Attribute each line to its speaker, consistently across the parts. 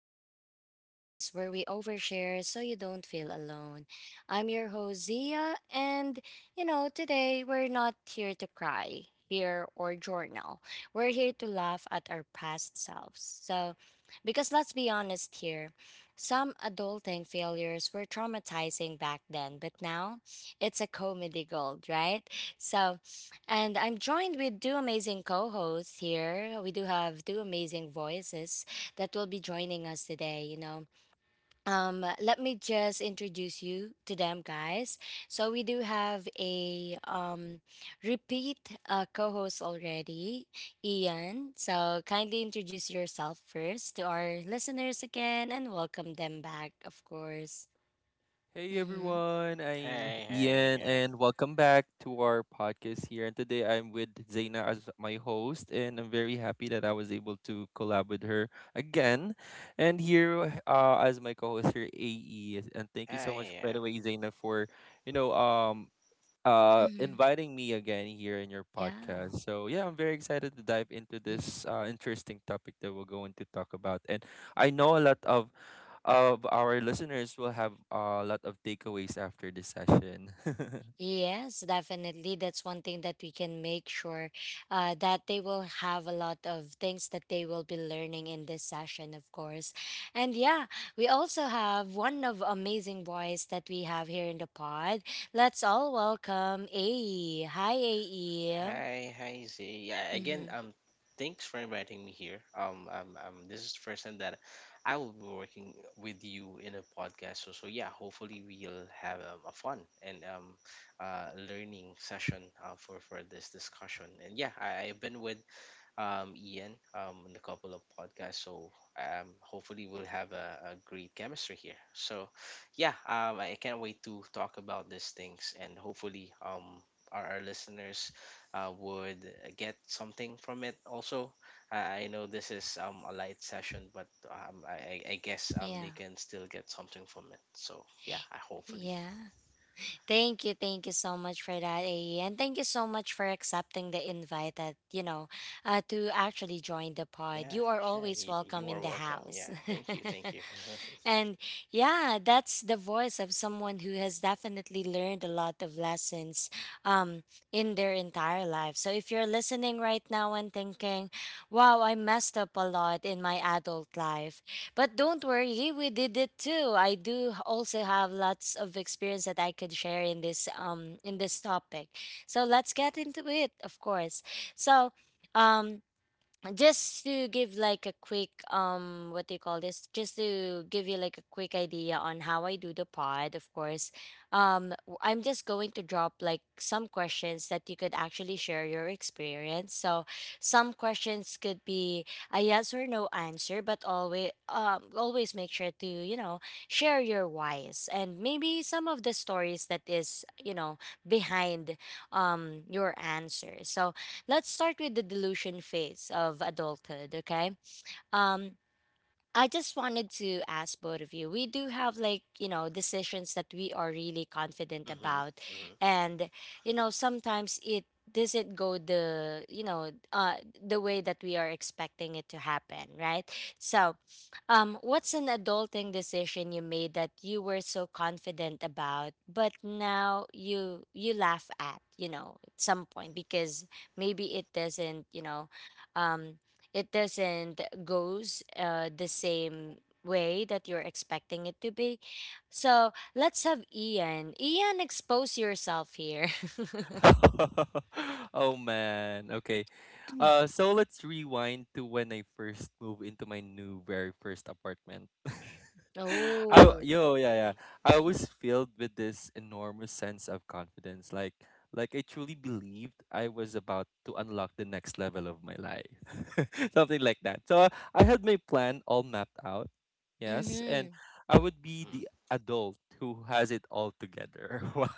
Speaker 1: Real Talk Diaries, where we overshare so you don't feel alone. I'm your host, Zia, and today we're not here to cry, hear, or journal. We're here to laugh at our past selves. So, because let's be honest here, some adulting failures were traumatizing back then, but now it's a comedy gold, right? So, and I'm joined with two amazing co hosts here. We do have two amazing voices that will be joining us today. Let me just introduce you to them, guys. So, we do have a repeat co host already, Ian. So, kindly introduce yourself first to our listeners again and welcome them back, of course.
Speaker 2: Hey
Speaker 1: Mm-hmm.
Speaker 2: everyone, I'm
Speaker 3: Hey,
Speaker 2: Ian
Speaker 3: hey,
Speaker 2: and
Speaker 3: yeah.
Speaker 2: welcome back to our podcast here. And today I'm with Zaina as my host, and I'm very happy that I was able to collab with her again. And here as my co-host here, AE. And thank you so much, by
Speaker 3: Hey,
Speaker 2: the way,
Speaker 3: yeah.
Speaker 2: Zaina, for you know um
Speaker 1: Mm-hmm.
Speaker 2: inviting me again here in your
Speaker 1: Yeah.
Speaker 2: podcast. So yeah, I'm very excited to dive into this interesting topic that we're going to talk about. And I know a lot of our listeners will have a lot of takeaways after this session.
Speaker 1: Yes, definitely. That's one thing that we can make sure that they will have a lot of things that they will be learning in this session, of course. And yeah, we also have one of amazing boys that we have here in the pod. Let's all welcome AE. Hi, AE.
Speaker 3: Hey, hey, Z. Yeah,
Speaker 1: Mm-hmm.
Speaker 3: again, thanks for inviting me here. This is the first time that I will be working with you in a podcast. So yeah, hopefully we'll have a fun and learning session for this discussion. And yeah, I've been with Ian in a couple of podcasts. So hopefully we'll have a great chemistry here. So yeah, I can't wait to talk about these things, and hopefully our listeners would get something from it also. I know this is a light session, but I guess
Speaker 1: Yeah.
Speaker 3: they can still get something from it. So yeah, I hopefully.
Speaker 1: Yeah. Thank you so much for that, AE. And thank you so much for accepting the invite that, to actually join the pod. You are
Speaker 3: Yeah, sure.
Speaker 1: always
Speaker 3: You,
Speaker 1: welcome in
Speaker 3: you
Speaker 1: the
Speaker 3: are welcome.
Speaker 1: house.
Speaker 3: Yeah, thank you. Thank you.
Speaker 1: And yeah, that's the voice of someone who has definitely learned a lot of lessons um, in their entire life. So if you're listening right now and thinking, wow, I messed up a lot in my adult life, but don't worry, we did it too. I do also have lots of experience that I could share in this topic. So let's get into it, of course. So, um just to give like a quick, what do you call this, just to give you like a quick idea on how I do the pod, of course. I'm just going to drop like some questions that you could actually share your experience, so some questions could be a yes or no answer, but always make sure to share your whys and maybe some of the stories that is behind your answer. So let's start with the delusion phase of adulthood, okay? Um, I just wanted to ask both of you. We do have like, decisions that we are really confident
Speaker 3: Mm-hmm,
Speaker 1: about.
Speaker 3: mm-hmm.
Speaker 1: And sometimes it doesn't go the way that we are expecting it to happen, right? So, what's an adulting decision you made that you were so confident about, but now you laugh at, at some point, because maybe um it doesn't goes the same way that you're expecting it to be. So let's have Ian. Ian, expose yourself here.
Speaker 2: Oh man. Okay. So let's rewind to when I first moved into my new very first apartment.
Speaker 1: Oh.
Speaker 3: Uh-huh.
Speaker 2: Yeah, yeah.
Speaker 3: Mm-hmm,
Speaker 2: I was filled with this enormous sense of confidence. Like I truly believed I was about to unlock the next level of my life. Something like that. So I had my plan all mapped out. Yes,
Speaker 1: Mm-hmm.
Speaker 2: and I would be the
Speaker 3: mm-hmm.
Speaker 2: adult who has it all together. Wow,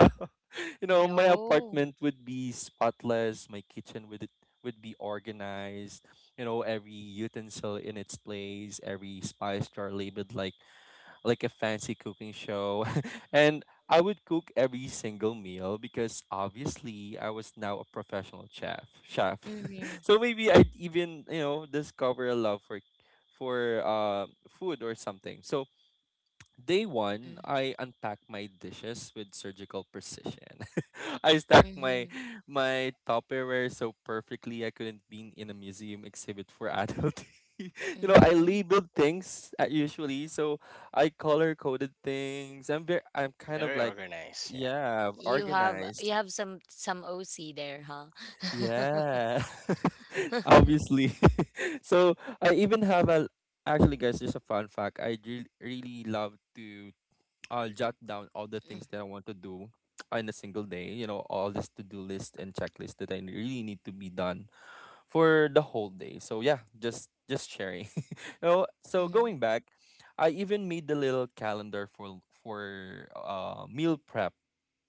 Speaker 2: you know, my
Speaker 1: Oh.
Speaker 2: apartment would be spotless. My kitchen would be organized. You know, every utensil in its place, every spice jar labeled like a fancy cooking show, and I would cook every single meal because obviously I was now a professional chef.
Speaker 1: Mm-hmm.
Speaker 2: So maybe I'd even, you know, discover a love for food or something. So day one,
Speaker 1: Mm-hmm.
Speaker 2: I unpacked my dishes with surgical precision. I stacked
Speaker 1: Mm-hmm.
Speaker 2: my Tupperware so perfectly I couldn't be in a museum exhibit for adults. You know, I
Speaker 1: Mm-hmm.
Speaker 2: labeled things usually, so I color coded things. I'm very, I'm kind of like,
Speaker 3: Very organized, yeah.
Speaker 2: yeah,
Speaker 1: You have you
Speaker 2: organized.
Speaker 1: have some OC there, huh?
Speaker 2: Yeah, obviously. So I even have a, actually, guys, just a fun fact. Really love to, I'll jot down all the things that I want to do in a single day. You know, all this to do list and checklist that I really need to be done for the whole day. So yeah, just sharing. You know, so
Speaker 1: Mm-hmm.
Speaker 2: going back, I even made the little calendar for meal prep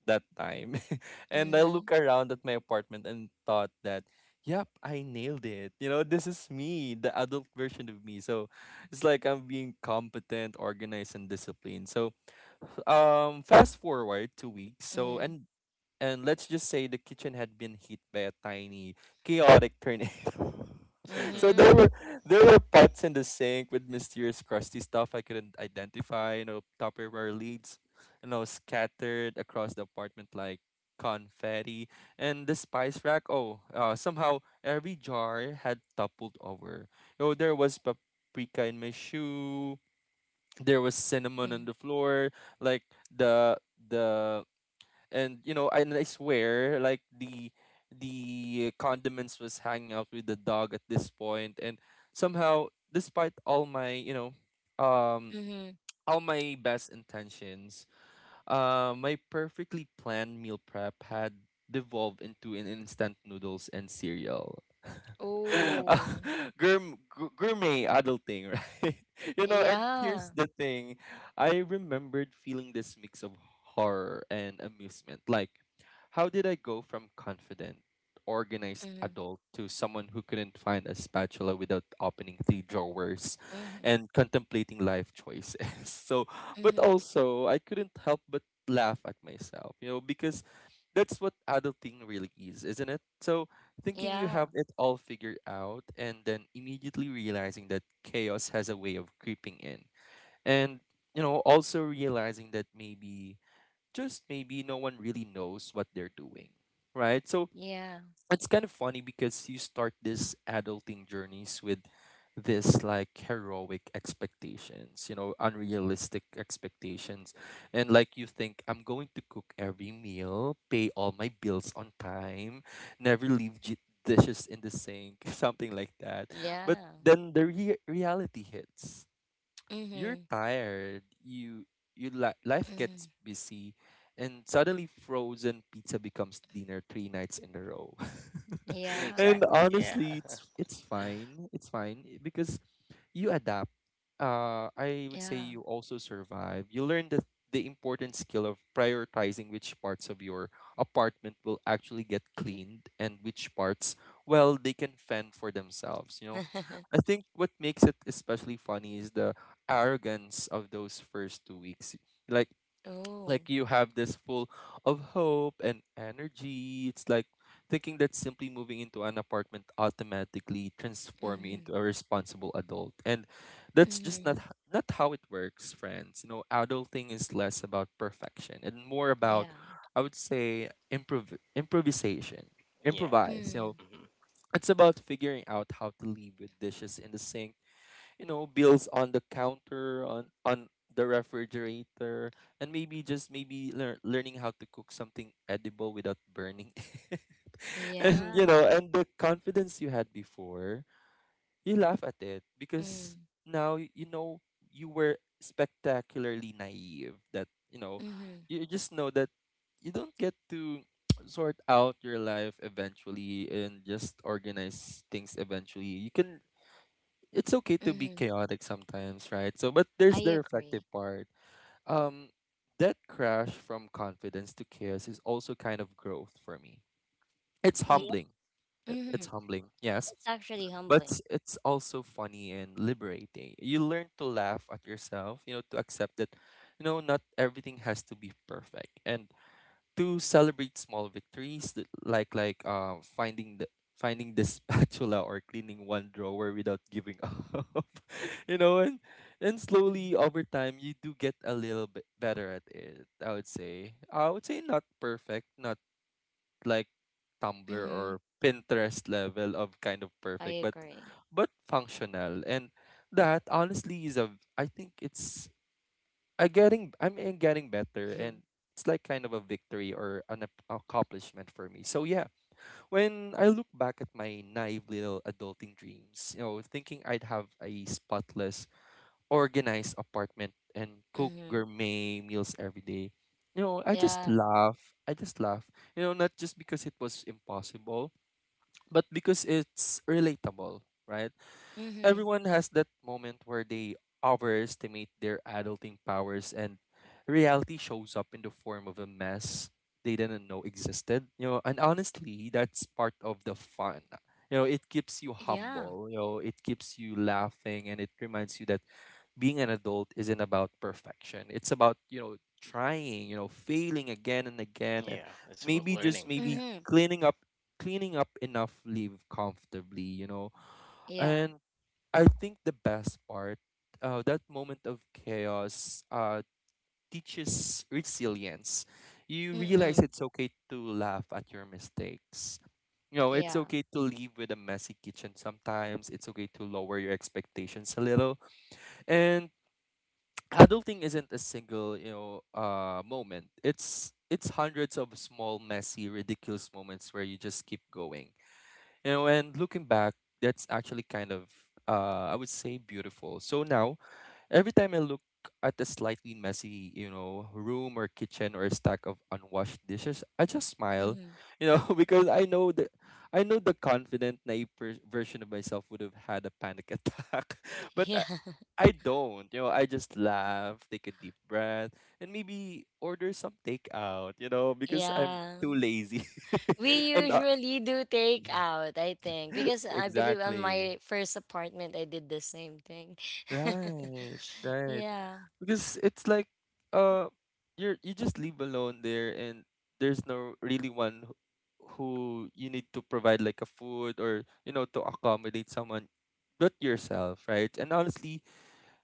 Speaker 2: that time, and I
Speaker 1: Mm-hmm.
Speaker 2: look around at my apartment and thought that. Yep, I nailed it. You know, this is me, the adult version of me. So it's like I'm being competent, organized, and disciplined. So fast forward 2 weeks,
Speaker 1: Mm-hmm.
Speaker 2: and let's just say the kitchen had been hit by a tiny chaotic tornado.
Speaker 3: Hmm,
Speaker 2: So there were
Speaker 3: hmm.
Speaker 2: there were pots in the sink with mysterious crusty stuff I couldn't identify, you know, Tupperware leads, you know, scattered across the apartment like confetti. And the spice rack, oh, somehow every jar had toppled over. Oh, there was paprika in my shoe, there was cinnamon
Speaker 1: Mm-hmm.
Speaker 2: on the floor. Like the the And, you know, and I swear, like the condiments was hanging out with the dog at this point. And somehow, despite all my, you know, um
Speaker 1: Mm-hmm.
Speaker 2: all my best intentions, my perfectly planned meal prep had devolved into an instant noodles and cereal. uh,
Speaker 1: Oh.
Speaker 2: Gourmet adulting, right? You know, and
Speaker 1: Yeah.
Speaker 2: here's the thing, I remembered feeling this mix of horror and amusement. Like, how did I go from confident, organized
Speaker 1: Mm-hmm.
Speaker 2: adult to someone who couldn't find a spatula without opening three drawers
Speaker 1: Mm-hmm.
Speaker 2: and contemplating life choices? So, but
Speaker 1: Mm-hmm.
Speaker 2: also, I couldn't help but laugh at myself, you know, because that's what adulting really is, isn't it? So, thinking you
Speaker 1: Yeah,
Speaker 2: have it all figured out and then immediately realizing that chaos has a way of creeping in. And, you know, also realizing that maybe just maybe no one really knows what they're doing, right? So
Speaker 1: yeah,
Speaker 2: it's kind of funny because you start this adulting journeys with this like heroic expectations, you know, unrealistic expectations. And like you think, I'm going to cook every meal, pay all my bills on time, never leave dishes in the sink, something like that. But
Speaker 1: yeah.
Speaker 2: then the reality hits. You're
Speaker 1: Mhm,
Speaker 2: tired. Life gets
Speaker 1: mhm.
Speaker 2: busy, and suddenly frozen pizza becomes dinner 3 nights in a row.
Speaker 1: Yeah,
Speaker 2: And
Speaker 3: Exactly, yeah.
Speaker 2: honestly, it's fine. It's fine because you adapt. I would say
Speaker 1: yeah.
Speaker 2: you also survive. You learn the important skill of prioritizing which parts of your apartment will actually get cleaned and which parts, well, they can fend for themselves. You know, I think what makes it especially funny is the arrogance of those first 2 weeks. Like
Speaker 1: Oh,
Speaker 2: like you have this full of hope and energy. It's like thinking that simply moving into an apartment automatically transform you
Speaker 1: mhm,
Speaker 2: into a responsible adult. And that's just
Speaker 1: mhm.
Speaker 2: not how it works, friends. You know, adulting is less about perfection and more
Speaker 1: Yeah,
Speaker 2: about, I would say, improvisation.
Speaker 3: Yeah.
Speaker 2: Improvise, you know.
Speaker 1: mm,
Speaker 3: Hmm.
Speaker 2: It's about figuring out how to leave with dishes in the sink, you know, bills on the counter, on the refrigerator, and maybe just maybe learning how to cook something edible without burning. And, you
Speaker 1: yeah,
Speaker 2: know, and the confidence you had before, you laugh at it because
Speaker 1: mm,
Speaker 2: now you know, you were spectacularly naive. That, you know,
Speaker 1: mhm,
Speaker 2: you just know that you don't get to sort out your life eventually and just organize things eventually. You can, it's okay to be
Speaker 1: mhm.
Speaker 2: chaotic sometimes, right? So, but there's
Speaker 1: I
Speaker 2: the reflective
Speaker 1: agree.
Speaker 2: part. Um, that crash from confidence to chaos is also kind of growth for me. It's
Speaker 1: Yeah,
Speaker 2: humbling. It's
Speaker 1: mhm.
Speaker 2: humbling, yes,
Speaker 1: It's actually
Speaker 2: but
Speaker 1: humbling.
Speaker 2: it's also funny and liberating. You learn to laugh at yourself, you know, to accept that, you know, not everything has to be perfect, and to celebrate small victories like finding the spatula or cleaning one drawer without giving up. You know, and slowly
Speaker 1: Mhm,
Speaker 2: over time you do get a little bit better at it. I would say not perfect, not like Tumblr or
Speaker 1: mhm.
Speaker 2: Pinterest level of kind of
Speaker 1: I
Speaker 2: perfect,
Speaker 1: agree.
Speaker 2: but functional. And that honestly is a I think it's I getting I'm in getting better, and it's like kind of a victory or an accomplishment for me. So yeah, when I look back at my naive little adulting dreams, you know, thinking I'd have a spotless, organized apartment and cook
Speaker 1: Mhm.
Speaker 2: gourmet meals every day. You know, I just
Speaker 1: Yeah.
Speaker 2: laugh. I just laugh. You know, not just because it was impossible, but because it's relatable, right?
Speaker 1: Mhm.
Speaker 2: Everyone has that moment where they overestimate their adulting powers and reality shows up in the form of a mess they didn't know existed. You know, and honestly, that's part of the fun. You know, it keeps you
Speaker 1: Yeah.
Speaker 2: humble, you know, it keeps you laughing, and it reminds you that being an adult isn't about perfection. It's about, you know, trying, you know, failing again and again, and
Speaker 3: Yeah, it's
Speaker 2: maybe
Speaker 3: about
Speaker 2: just
Speaker 3: learning,
Speaker 2: maybe
Speaker 3: yeah.
Speaker 1: Mhm.
Speaker 2: cleaning up enough leave comfortably, you know.
Speaker 1: Yeah.
Speaker 2: And I think the best part, that moment of chaos teaches resilience. You realize
Speaker 1: Mm-mm.
Speaker 2: it's okay to laugh at your mistakes. You know, it's
Speaker 1: Yeah.
Speaker 2: okay to leave with a messy kitchen sometimes. It's okay to lower your expectations a little. And adulting isn't a single, you know, moment. It's hundreds of small, messy, ridiculous moments where you just keep going. You know, and looking back, that's actually kind of I would say beautiful. So now, every time I look at a slightly messy, you know, room or kitchen or a stack of unwashed dishes, I just smile,
Speaker 1: Mhm.
Speaker 2: you know, because I know the confident naive version of myself would have had a panic attack, but
Speaker 1: Yeah.
Speaker 2: I don't. You know, I just laugh, take a deep breath, and maybe order some takeout, you know, because I'm
Speaker 1: Yeah.
Speaker 2: too lazy.
Speaker 1: We
Speaker 2: and
Speaker 1: usually do take out, I think, because I believe on
Speaker 2: Exactly.
Speaker 1: my first apartment I did the same thing.
Speaker 2: Right. Right.
Speaker 1: Yeah.
Speaker 2: Because it's like uh you just live alone there, and there's no really one who you need to provide like a food, or, you know, to accommodate someone but yourself, right? And honestly,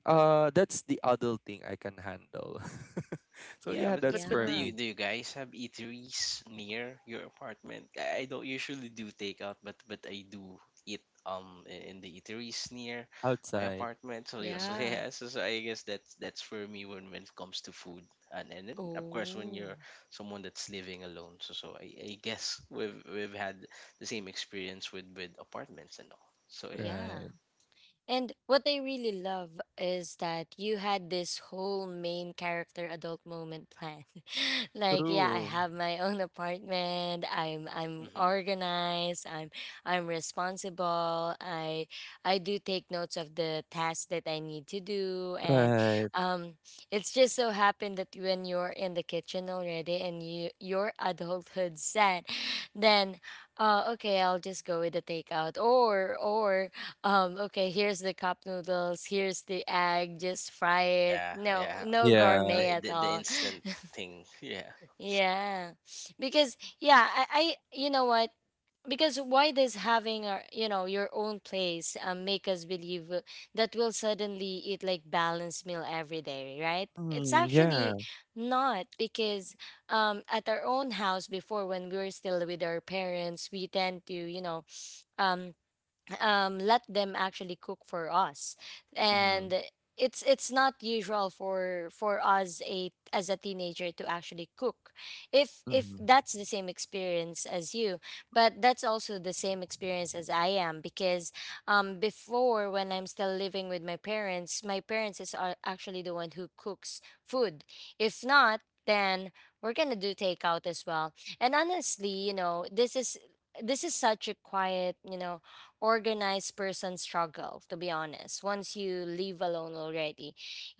Speaker 2: that's the other thing I can handle. So yeah,
Speaker 3: Yeah, but
Speaker 2: that's
Speaker 3: but
Speaker 2: for
Speaker 3: but do
Speaker 1: Yeah.
Speaker 2: me.
Speaker 3: you guys have eateries near your apartment? I don't usually do takeout, but I do eat in the eateries near my
Speaker 2: Outside.
Speaker 3: apartment. So yeah,
Speaker 2: Mm.
Speaker 3: so
Speaker 1: Yeah.
Speaker 3: yeah, so I guess that's for me when it comes to food, and then, of course, when
Speaker 1: Oh.
Speaker 3: you're someone that's living alone. So I guess we've had the same experience with apartments and all. So yeah,
Speaker 2: Right.
Speaker 1: Yeah. And what I really love is that you had this whole main character adult moment plan. Like, yeah, I
Speaker 2: True.
Speaker 1: have my own apartment. I'm
Speaker 3: hmm.
Speaker 1: organized. I'm responsible. I do take notes of the tasks that I need to do, and
Speaker 2: Right.
Speaker 1: um it's just so happened that when you're in the kitchen already and your adulthood set, then okay, I'll just go with the takeout, or okay, here's the cup noodles, here's the egg, just fry it.
Speaker 3: Yeah,
Speaker 1: No,
Speaker 3: yeah,
Speaker 1: no
Speaker 3: the
Speaker 2: Yeah.
Speaker 1: gourmet
Speaker 3: the
Speaker 1: at
Speaker 3: the, the
Speaker 1: all.
Speaker 3: instant thing, yeah.
Speaker 1: Yeah. Because yeah, I you know what? Because why does having our you know your own place make us believe that we'll suddenly eat like balanced meal every day, right? It's
Speaker 2: Mm,
Speaker 1: actually
Speaker 2: yeah.
Speaker 1: not, because at our own house before, when we were still with our parents, we tend to, um let them actually cook for us,
Speaker 2: Mm-hmm.
Speaker 1: and it's not usual for us a as a teenager to actually cook. If
Speaker 2: Mm-hmm.
Speaker 1: that's the same experience as you, but that's also the same experience as I am, because before, when I'm still living with my parents is are actually the one who cooks food. If not, then we're gonna do takeout as well. And honestly, this is such a quiet, organized person struggle, to be honest, once you leave alone already.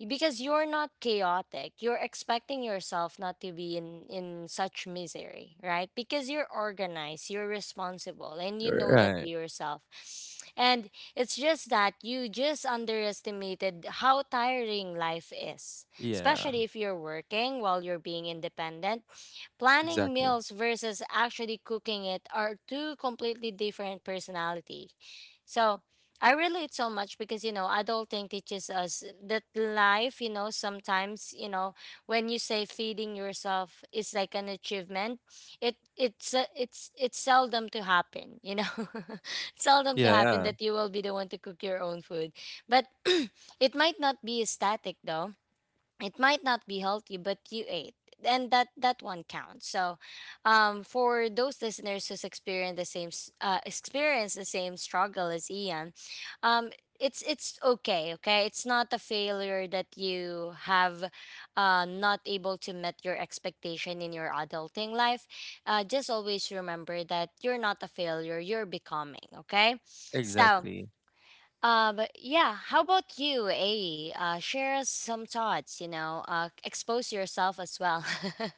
Speaker 1: Because you're not chaotic. You're expecting yourself not to be in such misery, right? Because you're organized, you're responsible, and you know that
Speaker 2: Right.
Speaker 1: to yourself. And it's just that you just underestimated how tiring life is,
Speaker 2: Yeah.
Speaker 1: especially if you're working while you're being independent. Planning
Speaker 2: Exactly.
Speaker 1: meals versus actually cooking it are two completely different personality, so I relate so much, because adulting teaches us that life, sometimes, when you say feeding yourself is like an achievement, it's it's seldom to happen, seldom to happen
Speaker 2: Yeah,
Speaker 1: that you will be the one to cook your own food. But it might not be static, though. It might not be healthy, but you ate, and that one counts. So for those listeners who's experienced the same experience the same struggle as Ian, um it's okay. Okay, it's not a failure that you have not able to met your expectation in your adulting life. Just always remember that you're not a failure, you're becoming, okay? So
Speaker 2: exactly.
Speaker 1: but yeah, how about you, A? Share us some thoughts, expose yourself as well.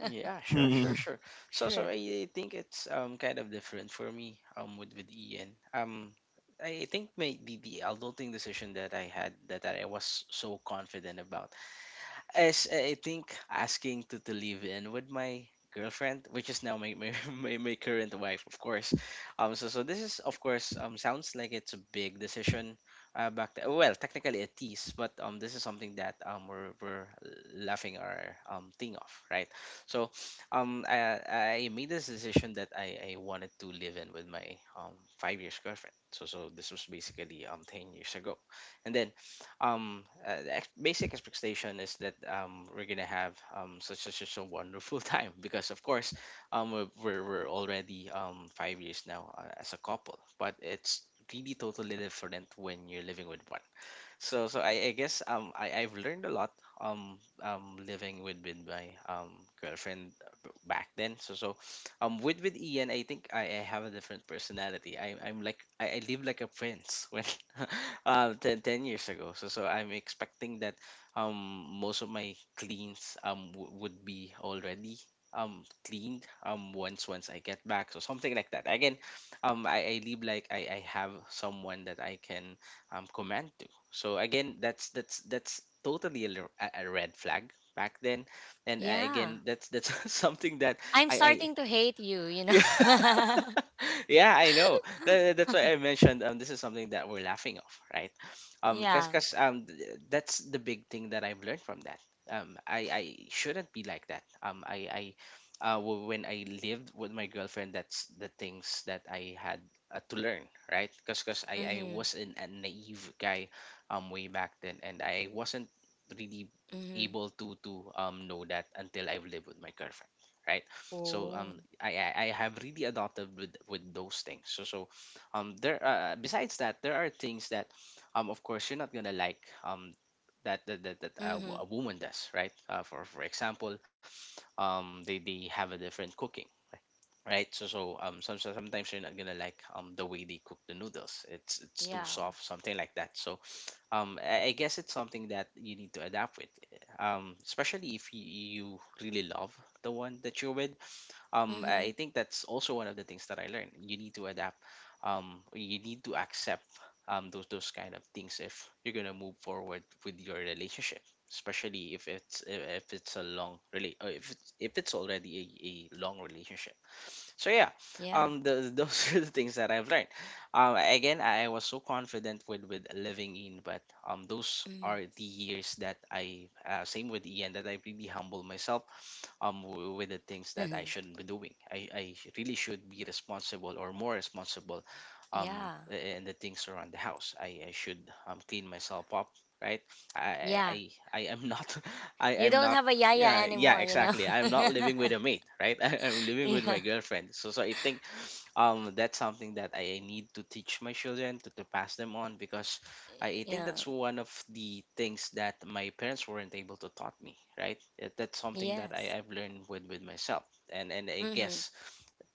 Speaker 3: Yeah, sure,
Speaker 2: Mm.
Speaker 3: sure, sure. So
Speaker 1: Sure.
Speaker 3: I think it's kind of different for me with Ian. I think the adulting decision that I had, that I was so confident about as I think asking to live in with my girlfriend, which is now my current wife, of course. So this is, of course, sounds like it's a big decision. Well, technically it is, but this is something that we're laughing our thing off, right? So, I made this decision that I wanted to live in with my 5 years girlfriend. So so this was basically 10 years ago, and then the basic expectation is that we're gonna have such a wonderful time because of course we're already 5 years now as a couple, but it's really totally different when you're living with one. So I guess I've learned a lot living with my girlfriend back then. So with Ian, I think I have a different personality. I I'm like I live like a prince when 10 years ago. So so I'm expecting that most of my cleans would be already cleaned once I get back. So something like that. Again, I live like I have someone that I can command to. So again, that's totally a red flag back then, and
Speaker 1: Yeah.
Speaker 3: again, that's something that
Speaker 1: I'm
Speaker 3: I
Speaker 1: starting to hate you, you know.
Speaker 3: yeah. Yeah, I know. That's why I mentioned this is something that we're laughing off, right?
Speaker 1: Yeah.
Speaker 3: That's the big thing that I've learned from that. I Shouldn't be like that. When I lived with my girlfriend, that's the things that I had to learn, right? Cuz cuz I
Speaker 1: Mm-hmm.
Speaker 3: was a naive guy way back then, and I wasn't really
Speaker 1: Mm-hmm.
Speaker 3: able to know that until I've lived with my girlfriend, right? So
Speaker 1: Oh.
Speaker 3: I have really adopted with those things. So there besides that, there are things that of course you're not gonna like that a
Speaker 1: Mm-hmm.
Speaker 3: woman does, right? For example, they have a different cooking, right? So sometimes you're not gonna like the way they cook the noodles. It's too
Speaker 1: Yeah.
Speaker 3: soft, something like that. So I guess it's something that you need to adapt with, especially if you really love the one that you're with. I
Speaker 1: Mm-hmm.
Speaker 3: think that's also one of the things that I learned: you need to adapt, you need to accept those kind of things if you're going to move forward with your relationship, especially if it's a long relate. If it's already a long relationship. So yeah,
Speaker 1: Yeah.
Speaker 3: those are the things that I've learned. Again, I was so confident with living in, but those
Speaker 1: Mm-hmm.
Speaker 3: are the years that I same with Ian, that I really humble myself with the things that I shouldn't be doing. I really should be responsible, or more responsible,
Speaker 1: Yeah.
Speaker 3: in the things around the house. I should clean myself up, right?
Speaker 1: Yeah.
Speaker 3: I am not I
Speaker 1: You
Speaker 3: am
Speaker 1: don't
Speaker 3: not
Speaker 1: have a yaya
Speaker 3: yeah, yeah,
Speaker 1: anymore.
Speaker 3: exactly. I'm not living with a mate, right? I'm living with my
Speaker 1: Yeah.
Speaker 3: girlfriend. So, so I think that's something that I need to teach my children to pass them on, because I think
Speaker 1: Yeah.
Speaker 3: that's one of the things that my parents weren't able to taught me, right? That's something that
Speaker 1: Yes.
Speaker 3: I've learned with myself, and I
Speaker 1: Mm-hmm.
Speaker 3: guess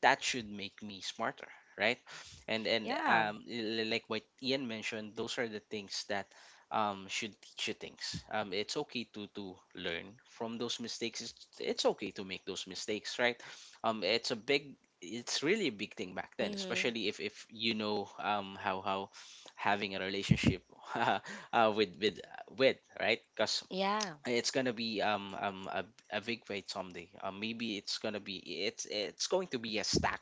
Speaker 3: that should make me smarter, right? and and
Speaker 1: Yeah.
Speaker 3: um l- l- like what Ian mentioned, those are the things that should teach you things. It's okay to learn from those mistakes. It's okay to make those mistakes, right? It's a big, it's really a big thing back then,
Speaker 1: Mm-hmm.
Speaker 3: especially if you know how having a relationship uh, with with with, right? Because
Speaker 1: Yeah.
Speaker 3: it's gonna be a big fight someday. Maybe it's gonna be, it's going to be a stack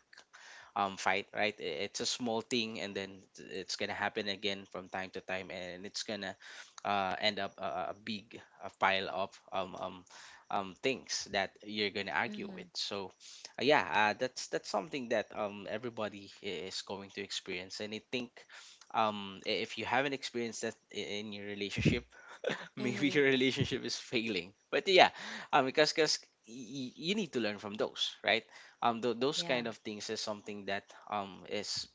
Speaker 3: fight, right? It's a small thing, and then it's gonna happen again from time to time, and it's gonna end up a big pile of things that you're gonna argue with.
Speaker 1: Mm-hmm.
Speaker 3: So, yeah, that's something that everybody is going to experience, and I think if you haven't experienced that in your relationship, maybe
Speaker 1: Mm-hmm.
Speaker 3: your relationship is failing. But yeah, because you need to learn from those, right? Those
Speaker 1: Yeah.
Speaker 3: kind of things is something that is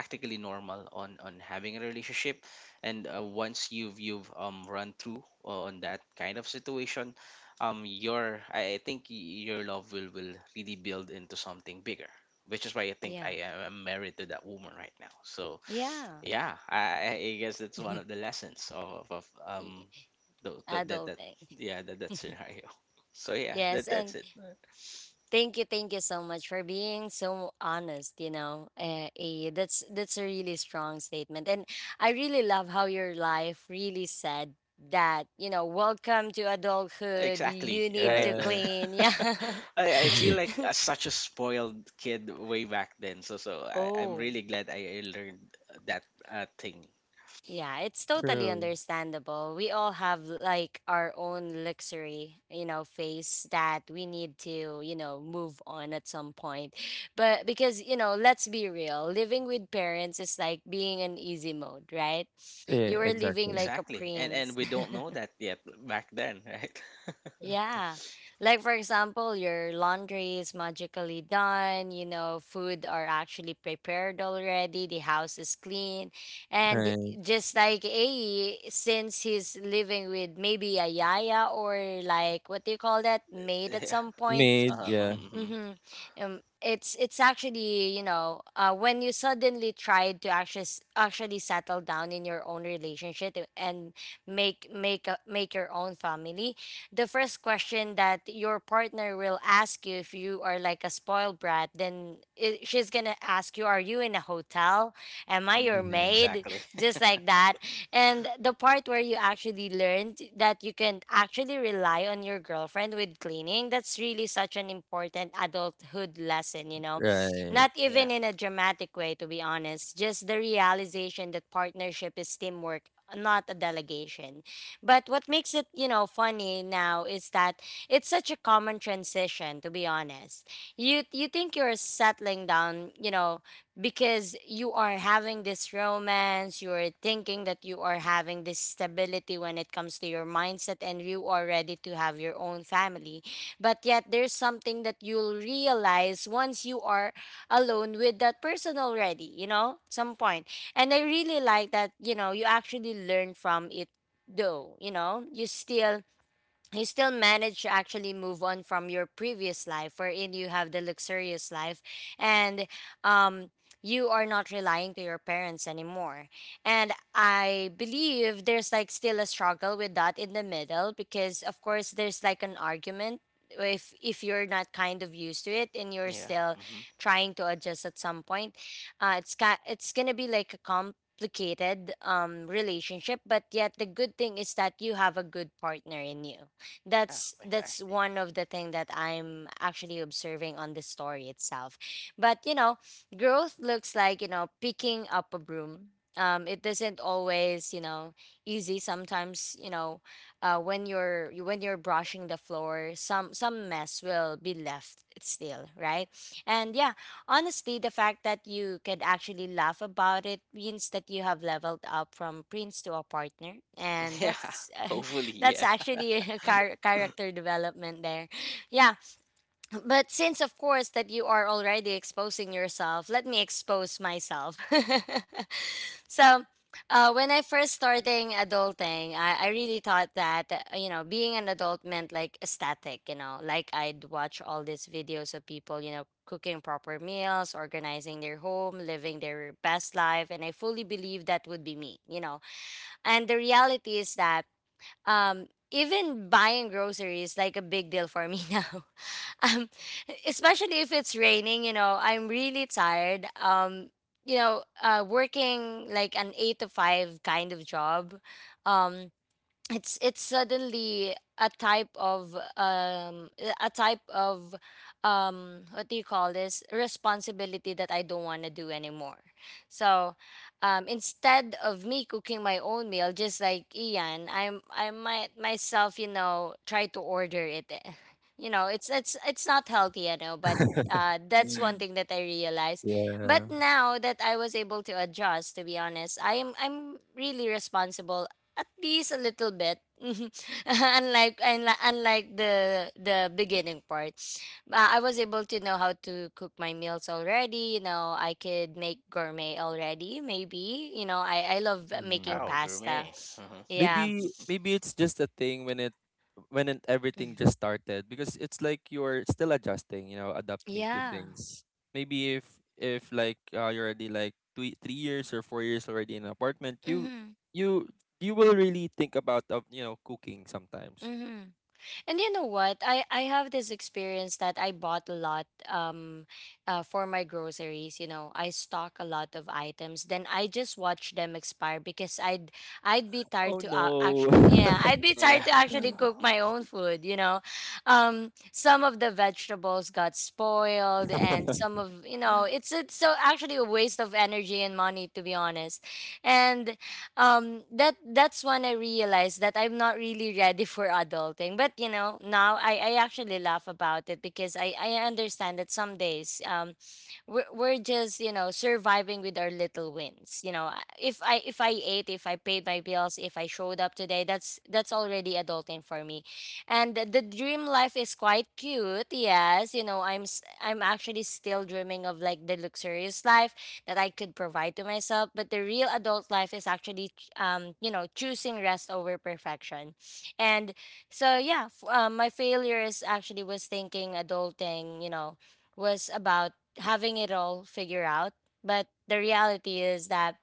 Speaker 3: practically normal on having a relationship, and once you've run through on that kind of situation, your I think your love will really build into something bigger, which is why I think
Speaker 1: Yeah.
Speaker 3: I am married to that woman right now. So
Speaker 1: Yeah.
Speaker 3: yeah, I guess that's one of the lessons of
Speaker 1: Y-
Speaker 3: Tho- that that that
Speaker 1: Adulting.
Speaker 3: yeah, that scenario. So yeah,
Speaker 1: Yes,
Speaker 3: that
Speaker 1: and
Speaker 3: that's it.
Speaker 1: thank you so much for being so honest. That's a really strong statement, and I really love how your life really said that. Welcome to adulthood.
Speaker 3: Exactly,
Speaker 1: You need
Speaker 3: right?
Speaker 1: to
Speaker 2: Right.
Speaker 1: clean. Yeah.
Speaker 3: I feel like such a spoiled kid way back then. So so I'm
Speaker 1: Oh.
Speaker 3: really glad I learned that thing.
Speaker 1: Yeah, it's totally
Speaker 2: True.
Speaker 1: understandable. We all have like our own luxury, phase that we need to, move on at some point. But because, let's be real, living with parents is like being in easy mode, right? You
Speaker 2: Yeah,
Speaker 1: were living
Speaker 2: exactly.
Speaker 1: like a
Speaker 3: Exactly. And
Speaker 1: prince.
Speaker 3: we don't know that yet back then, right?
Speaker 1: Yeah. Like for example, your laundry is magically done, food are actually prepared already, the house is clean. And
Speaker 2: Right.
Speaker 1: just like A, since he's living with maybe a yaya, or like what do you call that, maid at some point,
Speaker 2: Made,
Speaker 3: Uh-huh.
Speaker 2: yeah.
Speaker 3: Hmm,
Speaker 1: Mm-hmm. It's actually, when you suddenly try to actually settle down in your own relationship, and make your own family, the first question that your partner will ask you if you are like a spoiled brat, then she's gonna ask you, "Are you in a hotel? Am I
Speaker 3: hmm.
Speaker 1: your
Speaker 2: Mm.
Speaker 1: maid?"
Speaker 3: Exactly.
Speaker 1: Just like that, and the part where you actually learned that you can actually rely on your girlfriend with cleaning, that's really such an important adulthood lesson,
Speaker 2: Right.
Speaker 1: Not even
Speaker 3: Yeah.
Speaker 1: in a dramatic way, to be honest, just the realization that partnership is teamwork, not a delegation. But what makes it, funny now is that it's such a common transition, to be honest. You think you're settling down, because you are having this romance, you are thinking that you are having this stability when it comes to your mindset, and you are ready to have your own family. But yet, there's something that you'll realize once you are alone with that person already, some point. And I really like that, you know, you actually learn from it though, you know, you still manage to actually move on from your previous life wherein you have the luxurious life, and um you are not relying to your parents anymore. And I believe there's like still a struggle with that in the middle, because of course there's like an argument if you're not kind of used to it and you're
Speaker 3: Yeah.
Speaker 1: still
Speaker 3: Hmm.
Speaker 1: trying to adjust at some point. It's gonna be like a complicated relationship, but yet the good thing is that you have a good partner in you.
Speaker 3: Yeah,
Speaker 1: That's
Speaker 3: exactly.
Speaker 1: one of the thing that I'm actually observing on the story itself. But you know, growth looks like, you know, picking up a broom. It isn't always, you know, easy sometimes, you know. When you're brushing the floor, some mess will be left still, right? And yeah, honestly, the fact that you could actually laugh about it means that you have leveled up from prince to a partner, and
Speaker 3: Yeah.
Speaker 1: that's
Speaker 3: Hopefully,
Speaker 1: that's
Speaker 3: yeah.
Speaker 1: actually a character development there. Yeah, but since of course that you are already exposing yourself, let me expose myself. So, when I first starting adulting, I really thought that you know being an adult meant like static, you know, like I'd watch all these videos of people, you know, cooking proper meals, organizing their home, living their best life, and I fully believed that would be me, you know. And the reality is that even buying groceries like a big deal for me now. Um especially if it's raining, you know, I'm really tired. You know, working like an 8 to 5 kind of job. Um it's it's suddenly a type of a type of what do you call this responsibility that I don't want to do anymore. So instead of me cooking my own meal just like Ian, I might myself, you know, try to order it. You know, it's not healthy, I know, but that's one thing that I realized. But
Speaker 2: Yeah.
Speaker 1: now that I was able to adjust, to be honest, I'm really responsible, at least a little bit, unlike the beginning part. I was able to know how to cook my meals already, you know. I could make gourmet already, maybe, you know. I love
Speaker 2: Mm.
Speaker 1: making
Speaker 3: Wow,
Speaker 1: pasta.
Speaker 3: gourmet. Uh-huh.
Speaker 1: Yeah.
Speaker 2: Maybe maybe it's just a thing when everything
Speaker 1: Mm.
Speaker 2: just started because it's like you're still adjusting, you know, adapting to
Speaker 1: Yeah.
Speaker 2: things. Maybe if like you're already like two, 3 years or 4 years already in an apartment,
Speaker 1: Mm-hmm.
Speaker 2: you you will really think about you know, cooking sometimes.
Speaker 1: Mm-hmm. And you know what? I have this experience that I bought a lot, for my groceries, you know. I stock a lot of items, then I just watch them expire because I'd be
Speaker 2: Oh
Speaker 1: tired to,
Speaker 2: no.
Speaker 1: actually, yeah, I'd be
Speaker 3: Yeah.
Speaker 1: tired to actually cook my own food, you know. Some of the vegetables got spoiled, and some of, you know, it's so actually a waste of energy and money, to be honest. And that's when I realized that I'm not really ready for adulting. But you know, now I actually laugh about it because I understand that some days, we're just, you know, surviving with our little wins, you know. I- if I if I ate, if I paid my bills, if I showed up today, that's already adulting for me. And the dream life is quite cute, yes, you know. I'm actually still dreaming of like the luxurious life that I could provide to myself. But the real adult life is actually you know choosing rest over perfection. And so, yeah, my failures actually was thinking adulting, you know, was about having it all figured out. But the reality is that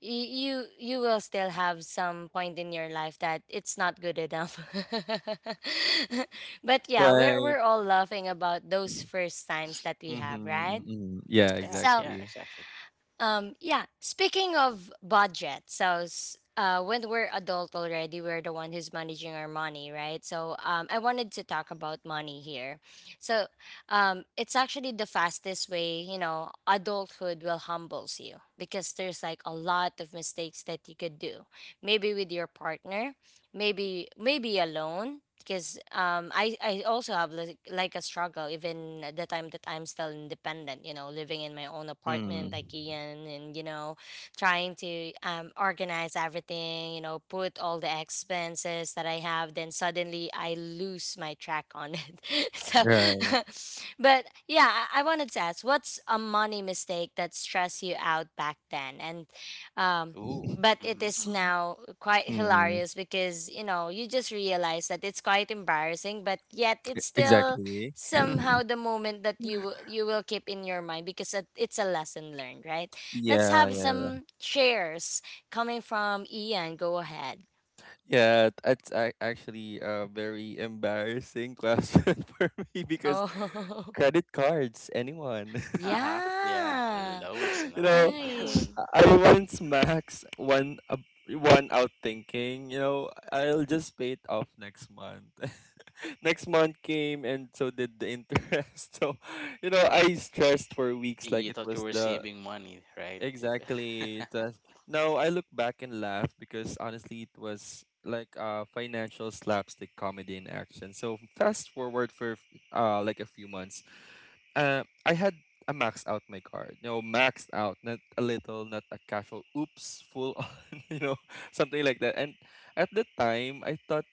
Speaker 1: you will still have some point in your life that it's not good enough. But yeah, we're
Speaker 2: Right.
Speaker 1: we're all laughing about those first times that we have,
Speaker 2: Mm-hmm.
Speaker 1: right?
Speaker 2: Yeah,
Speaker 3: Yeah,
Speaker 1: So,
Speaker 3: yeah,
Speaker 2: exactly.
Speaker 3: exactly.
Speaker 1: yeah. Speaking of budget, so, when we're adult already, we're the one who's managing our money, right? So, I wanted to
Speaker 3: Yeah.
Speaker 1: talk about money here. So, it's actually the fastest way, you know, adulthood will humbles you because there's like a lot of mistakes that you could do. Maybe with your partner, maybe alone, because I also have, like a struggle even at the time that I'm still independent, you know, living in my own apartment
Speaker 2: Mm.
Speaker 1: like Ian. And you know, trying to organize everything, you know, put all the expenses that I have, then suddenly I lose my track on it. So,
Speaker 2: Right.
Speaker 1: but yeah, I wanted to ask, what's a money mistake that stressed you out back then? And um
Speaker 3: Ooh.
Speaker 1: but it
Speaker 3: Mm-hmm.
Speaker 1: is now quite
Speaker 2: Mm.
Speaker 1: hilarious because, you know, you just realize that it's quite embarrassing, but yet it's still
Speaker 2: Exactly.
Speaker 1: somehow the moment that you will keep in your mind because it's a lesson learned, right? Let's
Speaker 2: Yeah,
Speaker 1: have
Speaker 3: Mm-hmm.
Speaker 2: yeah.
Speaker 1: some shares coming from Ian. Go ahead.
Speaker 2: Yeah, it's actually a very embarrassing question for me because
Speaker 1: Oh.
Speaker 2: credit cards, anyone.
Speaker 3: Uh-huh. Yeah,
Speaker 1: Yeah,
Speaker 3: loans and
Speaker 2: you
Speaker 3: all,
Speaker 2: know,
Speaker 3: I guess.
Speaker 1: I,
Speaker 2: I once max one out thinking, I'll just pay it off next month. Next month came and so did the interest. So, I stressed for weeks
Speaker 3: You,
Speaker 2: like it
Speaker 3: you thought
Speaker 2: was
Speaker 3: you were
Speaker 2: the.
Speaker 3: saving money, right? If
Speaker 2: Exactly. That No, I look back and laugh because honestly, it was like a financial slapstick comedy in action. So fast forward for like a few months. I had a maxed out my card. Maxed out, not a little, not a casual. Oops, full on. Something like that. And at the time, I thought,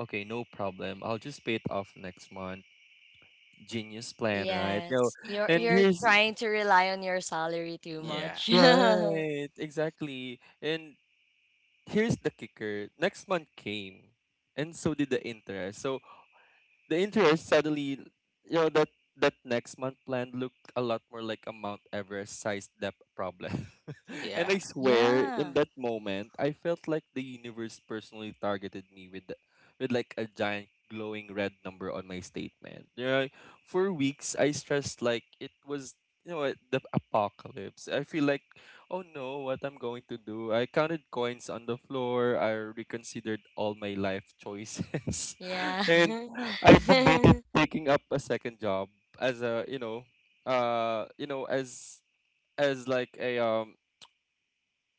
Speaker 2: okay, no problem. I'll just pay it off next month. Genius plan, right?
Speaker 1: yes. You're
Speaker 2: And
Speaker 1: you're
Speaker 2: here's
Speaker 1: trying to rely on your salary too
Speaker 3: yeah,
Speaker 1: much.
Speaker 3: hmm.
Speaker 2: right, exactly. And here's the kicker. Next month came, and so did the interest. So the interest suddenly, you know that that next month plan looked a lot more like a Mount Everest sized debt problem. And
Speaker 3: Yeah,
Speaker 2: I swear in
Speaker 1: Yeah.
Speaker 2: that moment I felt like the universe personally targeted me with like a giant glowing red number on my statement. For weeks I stressed like it was, you know what, the apocalypse. I feel like, oh no, what I'm going to do. I counted coins on the floor. I reconsidered all my life choices.
Speaker 1: Yeah.
Speaker 2: And I debated taking up a second job as a uh you know as as like a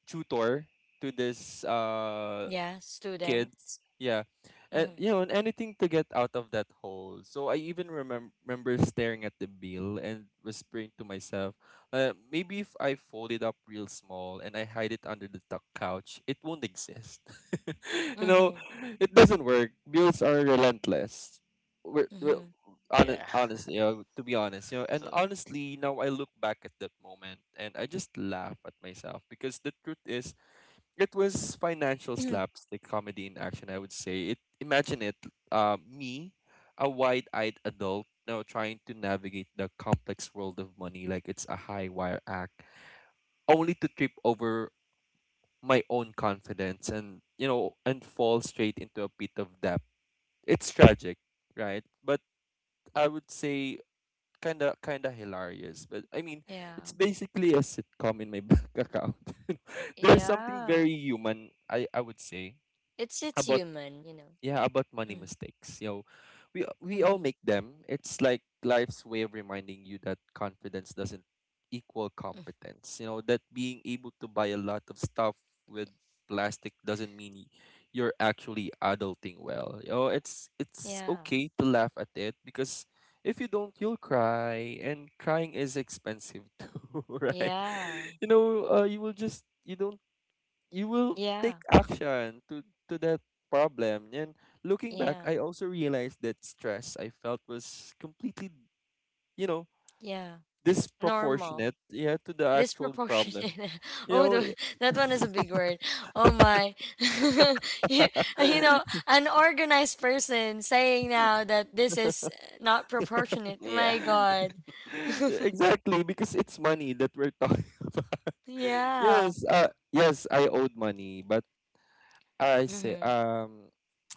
Speaker 2: tutor to this
Speaker 1: Yeah, student.
Speaker 2: kids. Yeah. And
Speaker 1: Mm-hmm.
Speaker 2: you know, and anything to get out of that hole. So I even remember staring at the bill and whispering to myself, maybe if I fold it up real small and I hide it under the tuck couch, it won't exist. you know,
Speaker 1: Mm-hmm.
Speaker 2: it doesn't work. Bills are relentless. We're, we
Speaker 1: Mm-hmm.
Speaker 2: honest,
Speaker 3: yeah.
Speaker 2: honestly, to be honest, you know, and
Speaker 3: So,
Speaker 2: honestly, now I look back at that moment and I just laugh at myself because the truth is it was financial slapstick comedy in action, I would say. It Imagine it, me, a wide-eyed adult, now trying to navigate the complex world of money like it's a high wire act, only to trip over my own confidence and fall straight into a pit of debt. It's tragic, right? But I would say kind of hilarious. But I mean,
Speaker 1: Yeah.
Speaker 2: it's basically a sitcom in my bank account. There's something
Speaker 1: Yeah.
Speaker 2: very human, I would say
Speaker 1: It's
Speaker 2: about.
Speaker 1: human, you know.
Speaker 2: Yeah, about money
Speaker 1: Mm.
Speaker 2: mistakes. We all
Speaker 1: Mm-hmm.
Speaker 2: make them. It's like life's way of reminding you that confidence doesn't equal
Speaker 1: Mm-hmm.
Speaker 2: competence. That being able to buy a lot of stuff with plastic doesn't mean you're actually adulting well. It's
Speaker 1: Yeah.
Speaker 2: okay to laugh at it because if you don't, you'll cry, and crying is expensive too, right?
Speaker 1: Yeah.
Speaker 2: You will just you don't you will
Speaker 1: Yeah.
Speaker 2: take action to that problem. And looking back,
Speaker 1: Yeah.
Speaker 2: I also realized that stress I felt was completely, you know
Speaker 1: Yeah. Normal.
Speaker 2: disproportionate, yeah, to the actual problem.
Speaker 3: hmm,
Speaker 1: Disproportionate.
Speaker 2: you
Speaker 1: Oh,
Speaker 2: know
Speaker 1: that one is a big word. Oh my. You you know, an organized person saying now that this is not proportionate. My
Speaker 3: yeah,
Speaker 1: God.
Speaker 2: exactly, because it's money that we're talking about.
Speaker 1: Yeah.
Speaker 2: Yes. Yes, I owed money, but i say
Speaker 1: Mm-hmm.
Speaker 2: um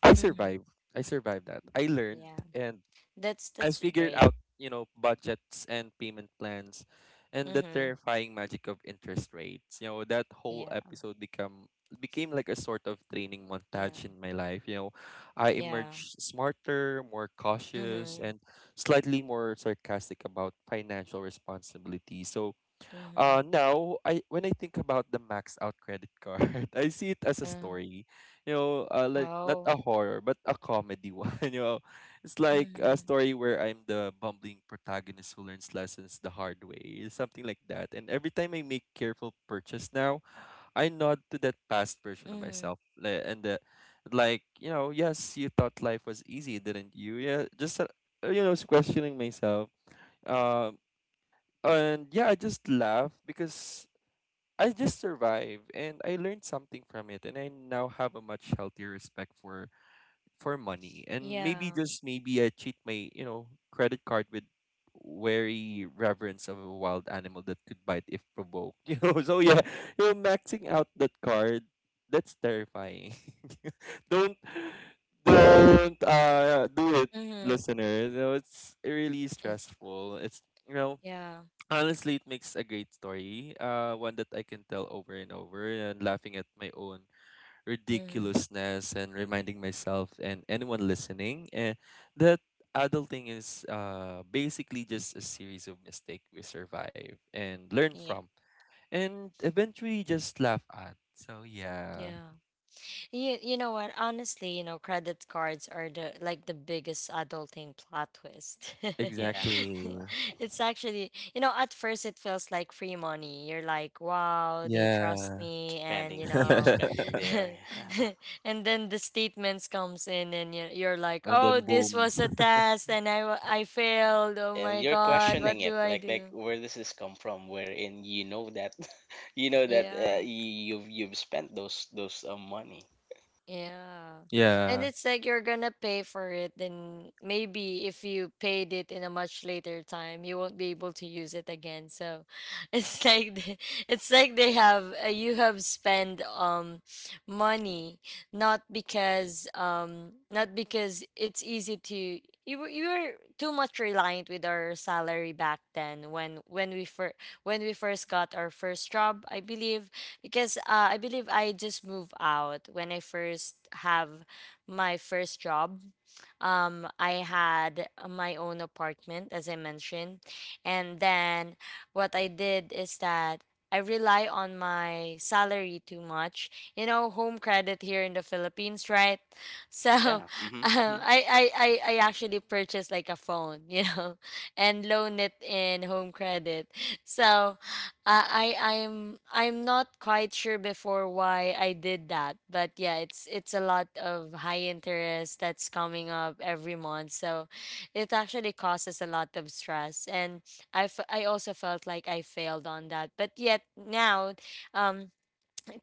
Speaker 2: I
Speaker 1: Mm-hmm.
Speaker 2: survived. I survived that. I learned,
Speaker 1: Yeah.
Speaker 2: and
Speaker 1: That's
Speaker 2: I
Speaker 1: that's
Speaker 2: figured
Speaker 1: great.
Speaker 2: out, budgets and payment plans and the
Speaker 1: Mhm.
Speaker 2: terrifying magic of interest rates. That whole
Speaker 1: Yeah.
Speaker 2: episode become became like a sort of training
Speaker 1: Yeah.
Speaker 2: montage in my life. I
Speaker 1: Yeah.
Speaker 2: emerged smarter, more cautious
Speaker 1: Mhm.
Speaker 2: and slightly more sarcastic about financial responsibility. So
Speaker 1: Mhm.
Speaker 2: now, I when I think about the max out credit card, I see it as a
Speaker 1: Uh,
Speaker 2: story. Like not
Speaker 1: oh.
Speaker 2: a horror, but a comedy one, you know. It's like a
Speaker 1: Mhm.
Speaker 2: story where I'm the bumbling protagonist who learns lessons the hard way, something like that. And every time I make careful purchase now, I nod to that past version of
Speaker 1: Mhm.
Speaker 2: myself. Like, you know, yes, you thought life was easy, didn't you? Yeah, just, you know, questioning myself. Um, and yeah, I just laugh because I just survived and I learned something from it, and I now have a much healthier respect for money, and maybe
Speaker 1: Yeah.
Speaker 2: just maybe I treat my, you know, credit card with wary reverence of a wild animal that could bite if provoked. So yeah, maxing out that card, that's terrifying. don't don't do it,
Speaker 1: Mhm.
Speaker 2: listeners. It's really
Speaker 1: It's
Speaker 2: stressful. It's, you know
Speaker 1: yeah.
Speaker 2: honestly, it makes a great story. One that I can tell over and over, and laughing at my own
Speaker 1: Mhm.
Speaker 2: ridiculousness, and reminding myself and anyone listening, that adulting is, basically just a series of mistakes we survive and learn
Speaker 1: Yeah.
Speaker 2: from, and eventually just laugh at. So yeah,
Speaker 1: Yeah. You know what? Honestly, you know, credit cards are the like the biggest adulting plot twist.
Speaker 3: yeah.
Speaker 2: exactly.
Speaker 1: It's actually, you know, at first it feels like free money. You're like, wow, they trust
Speaker 2: Yeah,
Speaker 1: me, and you
Speaker 3: Spending here,
Speaker 1: know.
Speaker 3: spending there,
Speaker 1: And then the statements comes in, and you're like,
Speaker 2: and
Speaker 1: oh,
Speaker 2: then
Speaker 1: this
Speaker 2: boom.
Speaker 1: was a test, and I failed. Oh
Speaker 3: and
Speaker 1: my
Speaker 3: you're
Speaker 1: God, what
Speaker 3: questioning it.
Speaker 1: do I
Speaker 3: Like,
Speaker 1: do?
Speaker 3: where does this come from? Wherein you know that, you know that
Speaker 1: Yeah.
Speaker 3: you've spent those money.
Speaker 1: Yeah. And
Speaker 2: Yeah,
Speaker 1: it's like you're gonna pay for it, then maybe if you paid it in a much later time, you won't be able to use it again. So it's like they, it's like they have, you have spent, money, not because, not because it's easy to, you were too much reliant with our salary back then, when when we first got our first job, I believe. Because, I believe I just moved out when I first have my first job. I had my own apartment, as I mentioned, and then what I did is that I rely on my salary too much. You know, home credit here in the Philippines, right? So,
Speaker 3: Yeah. Mm-hmm.
Speaker 1: I actually purchased like a phone, you know, and loan it in home credit. So, I'm not quite sure before why I did that, but yeah, it's a lot of high interest that's coming up every month, so it actually causes a lot of stress, and I also felt like I failed on that, but yet now, um,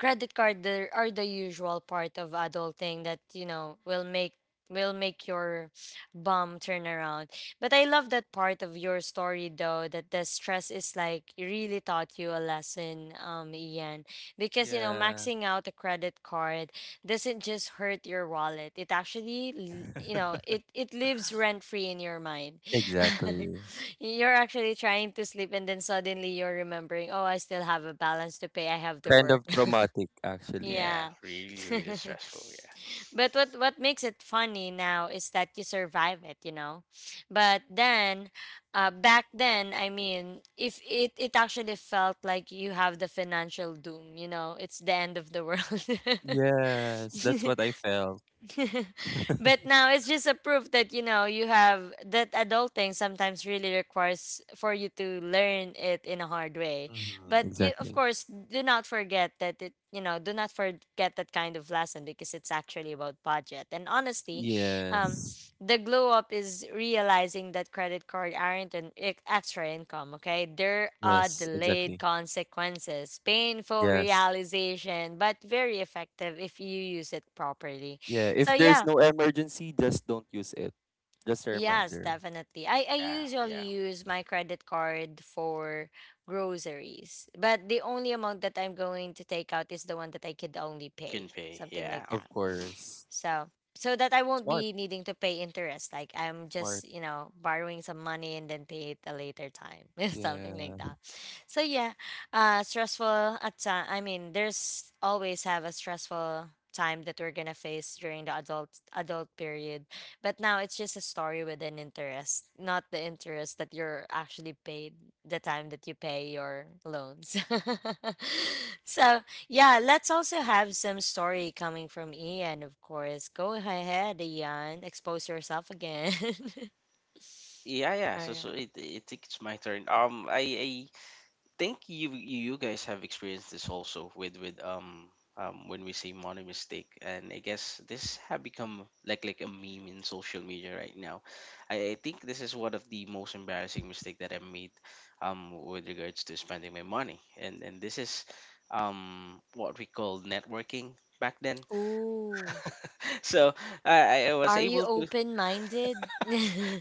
Speaker 1: credit card, are the usual part of adulting that, you know, will make your bum turn around. But I love that part of your story, though, that the stress is like really taught you a lesson, Ian, because you know
Speaker 2: yeah,
Speaker 1: maxing out a credit card doesn't just hurt your wallet, it actually, you know, it lives rent free in your mind.
Speaker 2: exactly.
Speaker 1: You're actually trying to sleep, and then suddenly you're remembering, oh, I still have a balance to pay, I have to
Speaker 2: Kind
Speaker 1: work.
Speaker 2: of traumatic, actually.
Speaker 1: Yeah.
Speaker 3: Yeah, really, really stressful. Yeah,
Speaker 1: But what makes it funny now is that you survive it, you know. But then, back then, I mean, if it actually felt like you have the financial doom, you know, it's the end of the world.
Speaker 2: Yes, that's what I felt.
Speaker 1: But now it's just a proof that, you know, you have that adulting sometimes really requires for you to learn it in a hard way.
Speaker 2: Hmm,
Speaker 1: But you, of
Speaker 2: exactly.
Speaker 1: course, do not forget that it, you know, do not forget that kind of lesson because it's actually about budget and honesty. um
Speaker 2: Yes.
Speaker 1: the glow up is realizing that credit card aren't an extra income. Okay, there are
Speaker 2: Yes,
Speaker 1: delayed
Speaker 2: exactly.
Speaker 1: consequences, painful
Speaker 2: Yes.
Speaker 1: realization, but very effective if you use it properly.
Speaker 2: Yeah,
Speaker 1: So
Speaker 2: if there's
Speaker 1: yeah,
Speaker 2: no emergency, just don't use it. Just a
Speaker 1: yes,
Speaker 2: reminder.
Speaker 1: definitely. I
Speaker 3: yeah,
Speaker 1: usually
Speaker 3: yeah.
Speaker 1: use my credit card for groceries, but the only amount that I'm going to take out is the one that I could only
Speaker 3: You can
Speaker 1: pay,
Speaker 3: pay.
Speaker 1: something like
Speaker 3: Yeah.
Speaker 2: Of
Speaker 1: that.
Speaker 3: Hmm.
Speaker 2: course.
Speaker 1: So so that I won't
Speaker 2: Smart,
Speaker 1: be needing to pay interest. Like I'm
Speaker 2: smart.
Speaker 1: just, you know, borrowing some money and then pay it a later time. Something
Speaker 2: Yeah.
Speaker 1: like that. So yeah. Stressful at time, I mean, there's always have a stressful time that we're gonna face during the adult period. But now it's just a story with an interest, not the interest that you're actually paid the time that you pay your loans. So yeah, let's also have some story coming from Ian, of course. Go ahead, Ian. Expose yourself again.
Speaker 3: Yeah, yeah.
Speaker 1: All
Speaker 3: So
Speaker 1: right.
Speaker 3: it, it's my turn. I think you you guys have experienced this also with when we say money mistake, and I guess this have become like a meme in social media right now. I think this is one of the most embarrassing mistake that I made, with regards to spending my money, and this is, what we call networking back then.
Speaker 1: Ooh.
Speaker 3: So I was
Speaker 1: Are you
Speaker 3: able to
Speaker 1: open minded?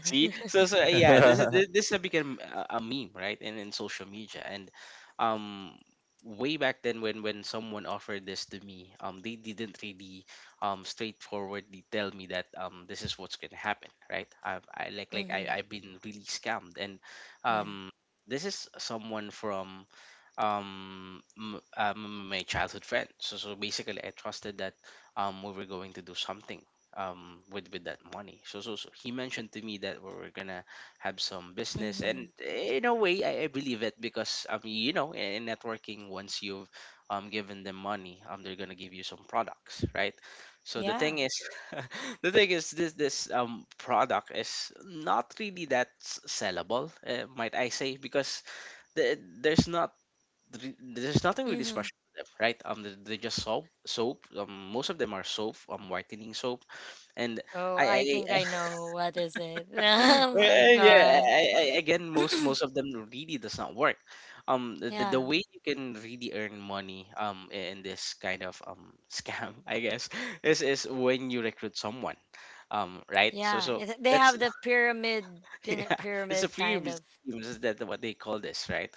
Speaker 3: see. So so yeah, this is this has become a meme, right? In social media, and um, way back then, when someone offered this to me, they didn't really straightforwardly tell me that this is what's gonna happen, right? I've I like I I've been really scammed. And
Speaker 1: Yeah.
Speaker 3: um, this is someone from my childhood friend. So basically, I trusted that we were going to do something with that money. So he mentioned to me that we were gonna have some business,
Speaker 1: Mm-hmm.
Speaker 3: and in a way, I believe it because you know, in networking, once you've given them money, they're gonna give you some products, right? So the
Speaker 1: Yeah.
Speaker 3: thing is, the thing is this product is not really that sellable, might I say, because there's not th- there's nothing really
Speaker 1: Mm-hmm.
Speaker 3: special to them, right? They just soap, soap. Most of them are soap, whitening soap, and
Speaker 1: Oh,
Speaker 3: I, I,
Speaker 1: I think
Speaker 3: I
Speaker 1: I know what is it. Oh my
Speaker 3: and yeah,
Speaker 1: God.
Speaker 3: again, most most of them really does not work. The
Speaker 1: Yeah.
Speaker 3: way you can really earn money, in this kind of scam, I guess, is when you recruit someone, right? So
Speaker 1: Yeah.
Speaker 3: so.
Speaker 1: It, they
Speaker 3: That's
Speaker 1: have the pyramid,
Speaker 3: yeah, it's a
Speaker 1: pyramid
Speaker 3: free
Speaker 1: kind
Speaker 3: regime.
Speaker 1: of
Speaker 3: Is that what they call this, right?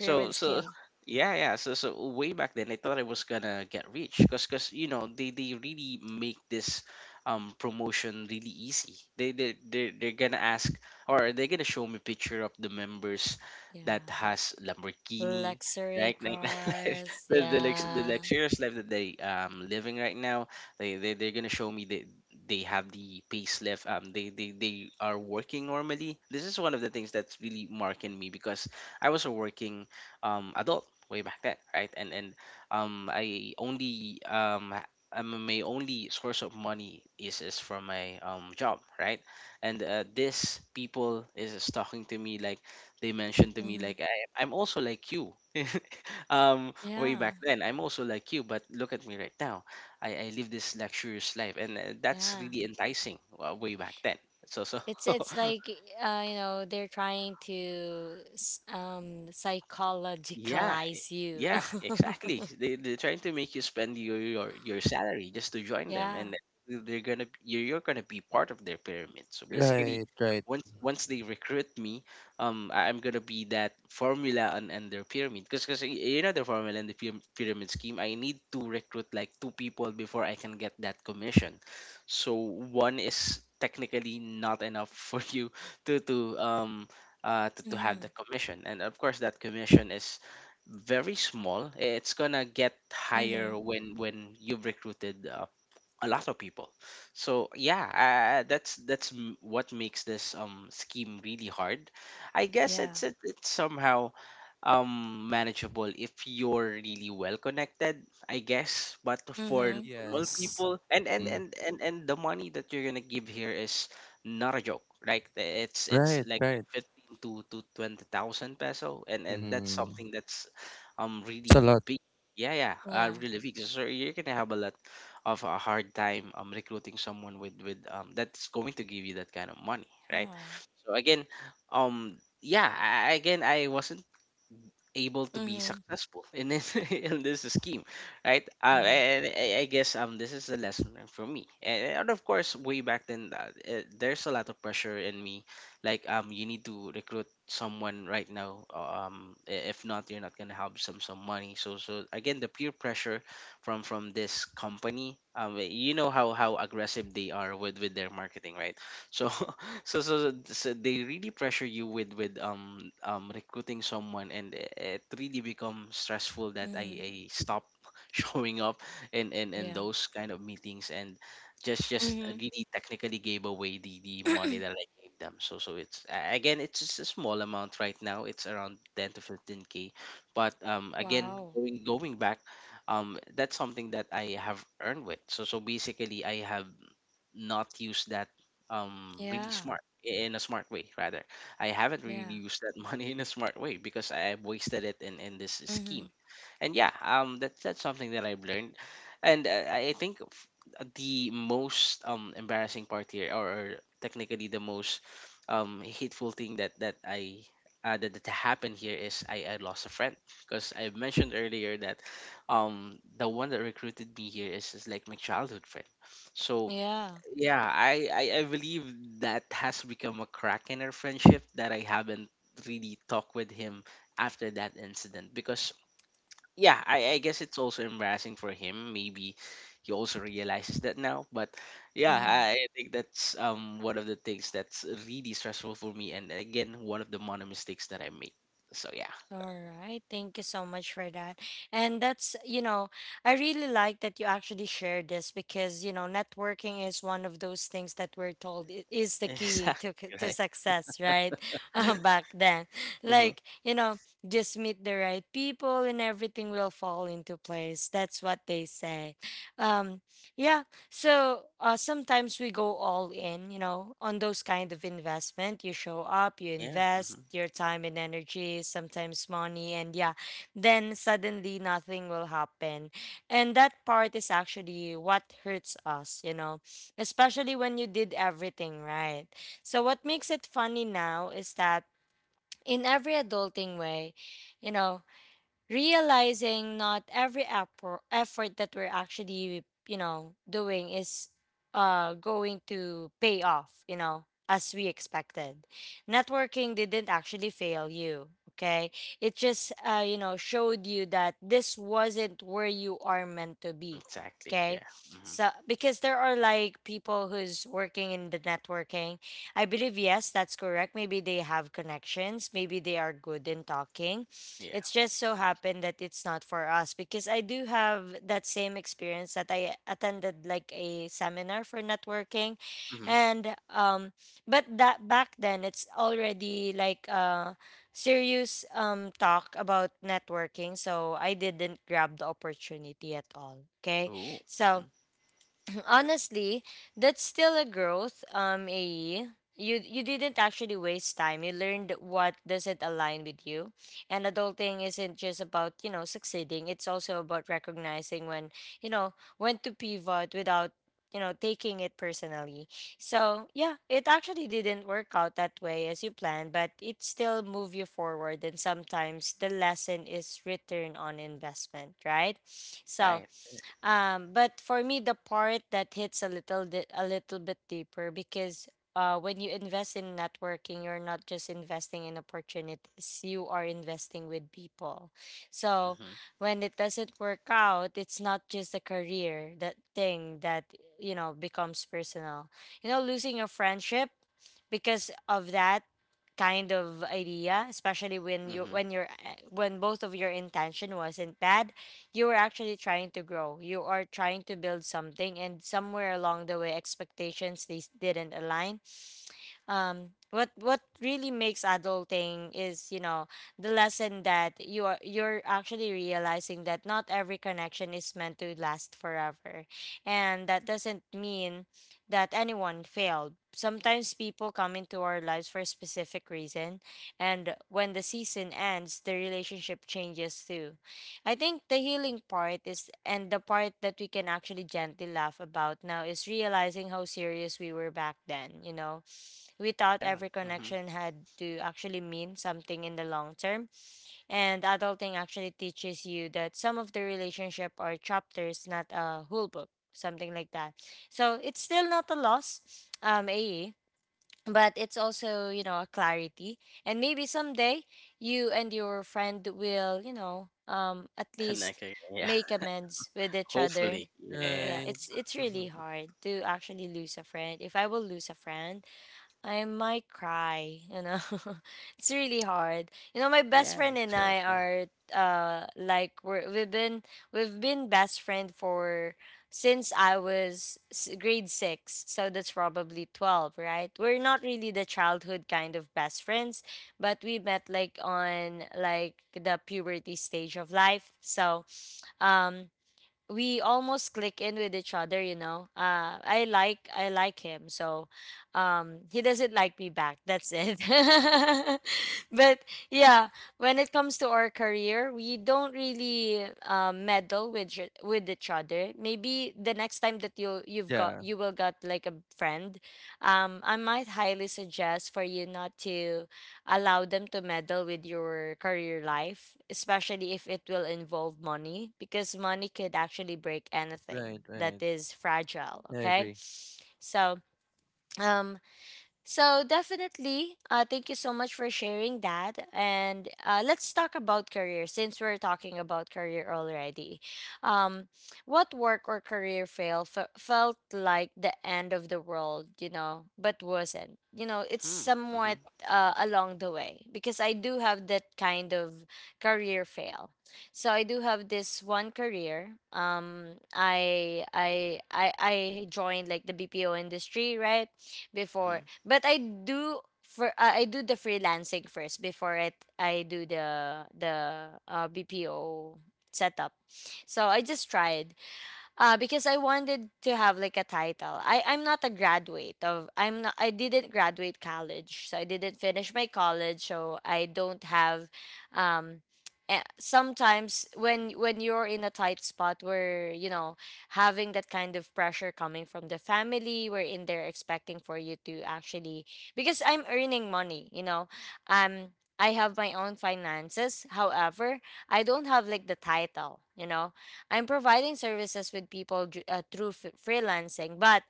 Speaker 3: So, so
Speaker 1: scheme.
Speaker 3: yeah, yeah. So, so way back then, I thought I was gonna get rich because you know, they really make this promotion really easy. They're gonna ask or they're gonna show me picture of the members that
Speaker 1: Yeah.
Speaker 3: has Lamborghini.
Speaker 1: Luxury
Speaker 3: Right, like
Speaker 1: cars,
Speaker 3: the
Speaker 1: yeah.
Speaker 3: luxurious life that they living right now, they're gonna show me they have the payslip. They, they are working normally. This is one of the things that's really marking me because I was a working adult way back then, right? And I only my only source of money is from my job, right? And this people is talking to me like they mentioned to me
Speaker 1: Hmm.
Speaker 3: like I, I'm also like you. Way
Speaker 1: Yeah,
Speaker 3: back then, I'm also like you, but look at me right now. I live this luxurious life, and that's
Speaker 1: yeah.
Speaker 3: really enticing way back then. So so
Speaker 1: It's like, you know, they're trying to
Speaker 3: yeah,
Speaker 1: psychologicalize you.
Speaker 3: yeah, exactly. They're trying to make you spend your salary just to join them,
Speaker 1: Yeah.
Speaker 3: and they're gonna you're gonna be part of their pyramid. So basically,
Speaker 2: Right, right.
Speaker 3: once they recruit me, I'm gonna be that formula and their pyramid. Because you know the formula and the pyramid scheme, I need to recruit like two people before I can get that commission. So one is technically not enough for you to to um to
Speaker 1: Mm-hmm.
Speaker 3: have the commission, and of course that commission is very small. It's gonna get
Speaker 1: Mm-hmm.
Speaker 3: higher when you've recruited a lot of people. So yeah, that's what makes this scheme really hard. I guess
Speaker 1: Yeah.
Speaker 3: it's somehow manageable if you're really well connected, I guess, but for
Speaker 1: Mm-hmm.
Speaker 3: normal
Speaker 2: Yes.
Speaker 3: people and
Speaker 2: Mm.
Speaker 3: and the money that you're gonna give here is not a joke. Like, it's
Speaker 2: Right,
Speaker 3: like
Speaker 2: right.
Speaker 3: 15 to 20,000 peso, and that's
Speaker 2: Hmm.
Speaker 3: something that's
Speaker 2: It's a
Speaker 3: really
Speaker 2: lot.
Speaker 3: big. Yeah, yeah,
Speaker 1: Yeah.
Speaker 3: really big. So you're gonna have a lot of a hard time recruiting someone with that's going to give you that kind of money, right?
Speaker 1: Yeah.
Speaker 3: So again, yeah, I, again, I wasn't able to be
Speaker 1: Mm-hmm.
Speaker 3: successful in this, in this scheme, right?
Speaker 1: Mm-hmm.
Speaker 3: And I guess this is the lesson learned for me. And of course, way back then, there's a lot of pressure in me. Like, you need to recruit someone right now. If not, you're not gonna have some money. So so again, the peer pressure from this company. You know how aggressive they are with their marketing, right? So so, so so they really pressure you with recruiting someone, and it really becomes stressful that
Speaker 1: Mm-hmm.
Speaker 3: I stop showing up in
Speaker 1: Yeah.
Speaker 3: those kind of meetings and just
Speaker 1: Mm-hmm.
Speaker 3: really technically gave away the money that I gave them. So so it's again, it's just a small amount. Right now, it's around 10 to 15K. But um, again,
Speaker 1: Wow.
Speaker 3: going back, that's something that I have earned with. So so basically, I have not use that really
Speaker 1: Yeah.
Speaker 3: smart in a smart way. Rather, I haven't really
Speaker 1: Yeah.
Speaker 3: used that money in a smart way because I have wasted it in this
Speaker 1: Mm-hmm.
Speaker 3: scheme. And yeah, um, that's something that I've learned. And I think the most embarrassing part here, or technically the most hateful thing that that happened here, is I lost a friend, because I mentioned earlier that the one that recruited me here is like my childhood friend. So
Speaker 1: Yeah.
Speaker 3: yeah, I believe that has become a crack in our friendship, that I haven't really talked with him after that incident. Because yeah, I guess it's also embarrassing for him. Maybe he also realizes that now. But yeah,
Speaker 1: Mm-hmm.
Speaker 3: I think that's one of the things that's really stressful for me, and again, one of the minor mistakes that I made. So yeah.
Speaker 1: All right. Thank you so much for that. And that's, you know, I really like that you actually share this because, you know, networking is one of those things that we're told is the key
Speaker 3: Exactly,
Speaker 1: to to
Speaker 3: right.
Speaker 1: success, right? Back then.
Speaker 3: Hmm.
Speaker 1: Like, you know, just meet the right people and everything will fall into place. That's what they say. Um yeah, so sometimes we go all in, you know, on those kind of investment. You show up, you
Speaker 3: Yeah. Hmm.
Speaker 1: invest your time and energy, sometimes money, and yeah, then suddenly nothing will happen. And that part is actually what hurts us, you know, especially when you did everything right. So what makes it funny now is that in every adulting way, you know, realizing not every effort that we're actually, you know, doing is going to pay off, you know, as we expected. Networking didn't actually fail you, okay? It just, you know, showed you that this wasn't where you are meant to be.
Speaker 3: Exactly.
Speaker 1: Okay?
Speaker 3: Yeah. Hmm.
Speaker 1: So because there are, like, people who's working in the networking, I believe, yes, that's correct. Maybe they have connections, maybe they are good in talking.
Speaker 3: Yeah.
Speaker 1: It's just so happened that it's not for us, because I do have that same experience that I attended like a seminar for networking.
Speaker 3: Hmm.
Speaker 1: And but that, back then, it's already like a serious talk about networking, so I didn't grab the opportunity at all. Okay?
Speaker 3: Oh.
Speaker 1: So
Speaker 3: Hmm.
Speaker 1: honestly, that's still a growth, AE. You you didn't actually waste time. You learned what doesn't align with you. And adulting isn't just about, you know, succeeding. It's also about recognizing when, you know, when to pivot without, you know, taking it personally. So yeah, it actually didn't work out that way as you planned, but it still moved you forward, and sometimes the lesson is return on investment, right? So
Speaker 3: Right.
Speaker 1: but for me, the part that hits a little bit deeper, because when you invest in networking, you're not just investing in opportunities; you are investing with people. So
Speaker 3: Hmm.
Speaker 1: when it doesn't work out, it's not just a career that thing that, you know, becomes personal. You know, losing a friendship because of that kind of idea, especially when you,
Speaker 3: Hmm.
Speaker 1: when your when both of your intention wasn't bad. You are actually trying to grow. You are trying to build something, and somewhere along the way, expectations these didn't align. What really makes adulting is, you know, the lesson that you're actually realizing that not every connection is meant to last forever. And that doesn't mean that anyone failed. Sometimes people come into our lives for a specific reason, and when the season ends, the relationship changes too. I think the healing part is, and the part that we can actually gently laugh about now, is realizing how serious we were back then, you know. We thought
Speaker 3: Yeah,
Speaker 1: every
Speaker 3: mhm.
Speaker 1: connection had to actually mean something in the long term. And adulting actually teaches you that some of the relationship are chapters, not a whole book, something like that. So it's still not a loss, AE, but it's also, you know, a clarity. And maybe someday you and your friend will, you know, at least
Speaker 3: Connected, yeah.
Speaker 1: make amends with each other.
Speaker 3: Hopefully, yeah.
Speaker 1: Yeah,
Speaker 2: Right.
Speaker 1: it's
Speaker 2: Hmm.
Speaker 1: really hard to actually lose a friend. If I will lose a friend, I might cry, you know. It's really hard. You know, my best
Speaker 3: Yeah,
Speaker 1: friend
Speaker 3: that's
Speaker 1: and I
Speaker 3: correct, yeah.
Speaker 1: are like we've been best friend for since I was grade 6. So that's probably 12, right? We're not really the childhood kind of best friends, but we met like on like the puberty stage of life. So, um, we almost click in with each other, you know. I like him, so he doesn't like me back, that's it. But yeah, when it comes to our career, we don't really meddle with with each other. Maybe the next time that you you've got
Speaker 2: Yeah,
Speaker 1: you will got like a friend, um, I might highly suggest for you not to allow them to meddle with your career life, especially if it will involve money, because money could actually break anything
Speaker 2: right,
Speaker 1: that
Speaker 2: right.
Speaker 1: is fragile.
Speaker 2: I
Speaker 1: Okay.
Speaker 2: agree.
Speaker 1: So, um, so definitely, thank you so much for sharing that. And let's talk about career since we're talking about career already. Um, what work or career felt like the end of the world, you know, but wasn't. You know, it's
Speaker 3: Hmm, mhm,
Speaker 1: somewhat along the way, because I do have that kind of career fail. So I do have this one career. I joined like the BPO industry, right?
Speaker 3: mhm.
Speaker 1: Before, but I do for I do the freelancing first before it I do the BPO setup. So I just tried because I wanted to have like a title. I I'm not a graduate of I'm not I didn't graduate college, so I didn't finish my college, so I don't have um sometimes when you're in a tight spot where, you know, having that kind of pressure coming from the family wherein they're expecting for you to actually, because I'm earning money, you know. Um, I have my own finances, however I don't have like the title, you know. I'm providing services with people through freelancing, but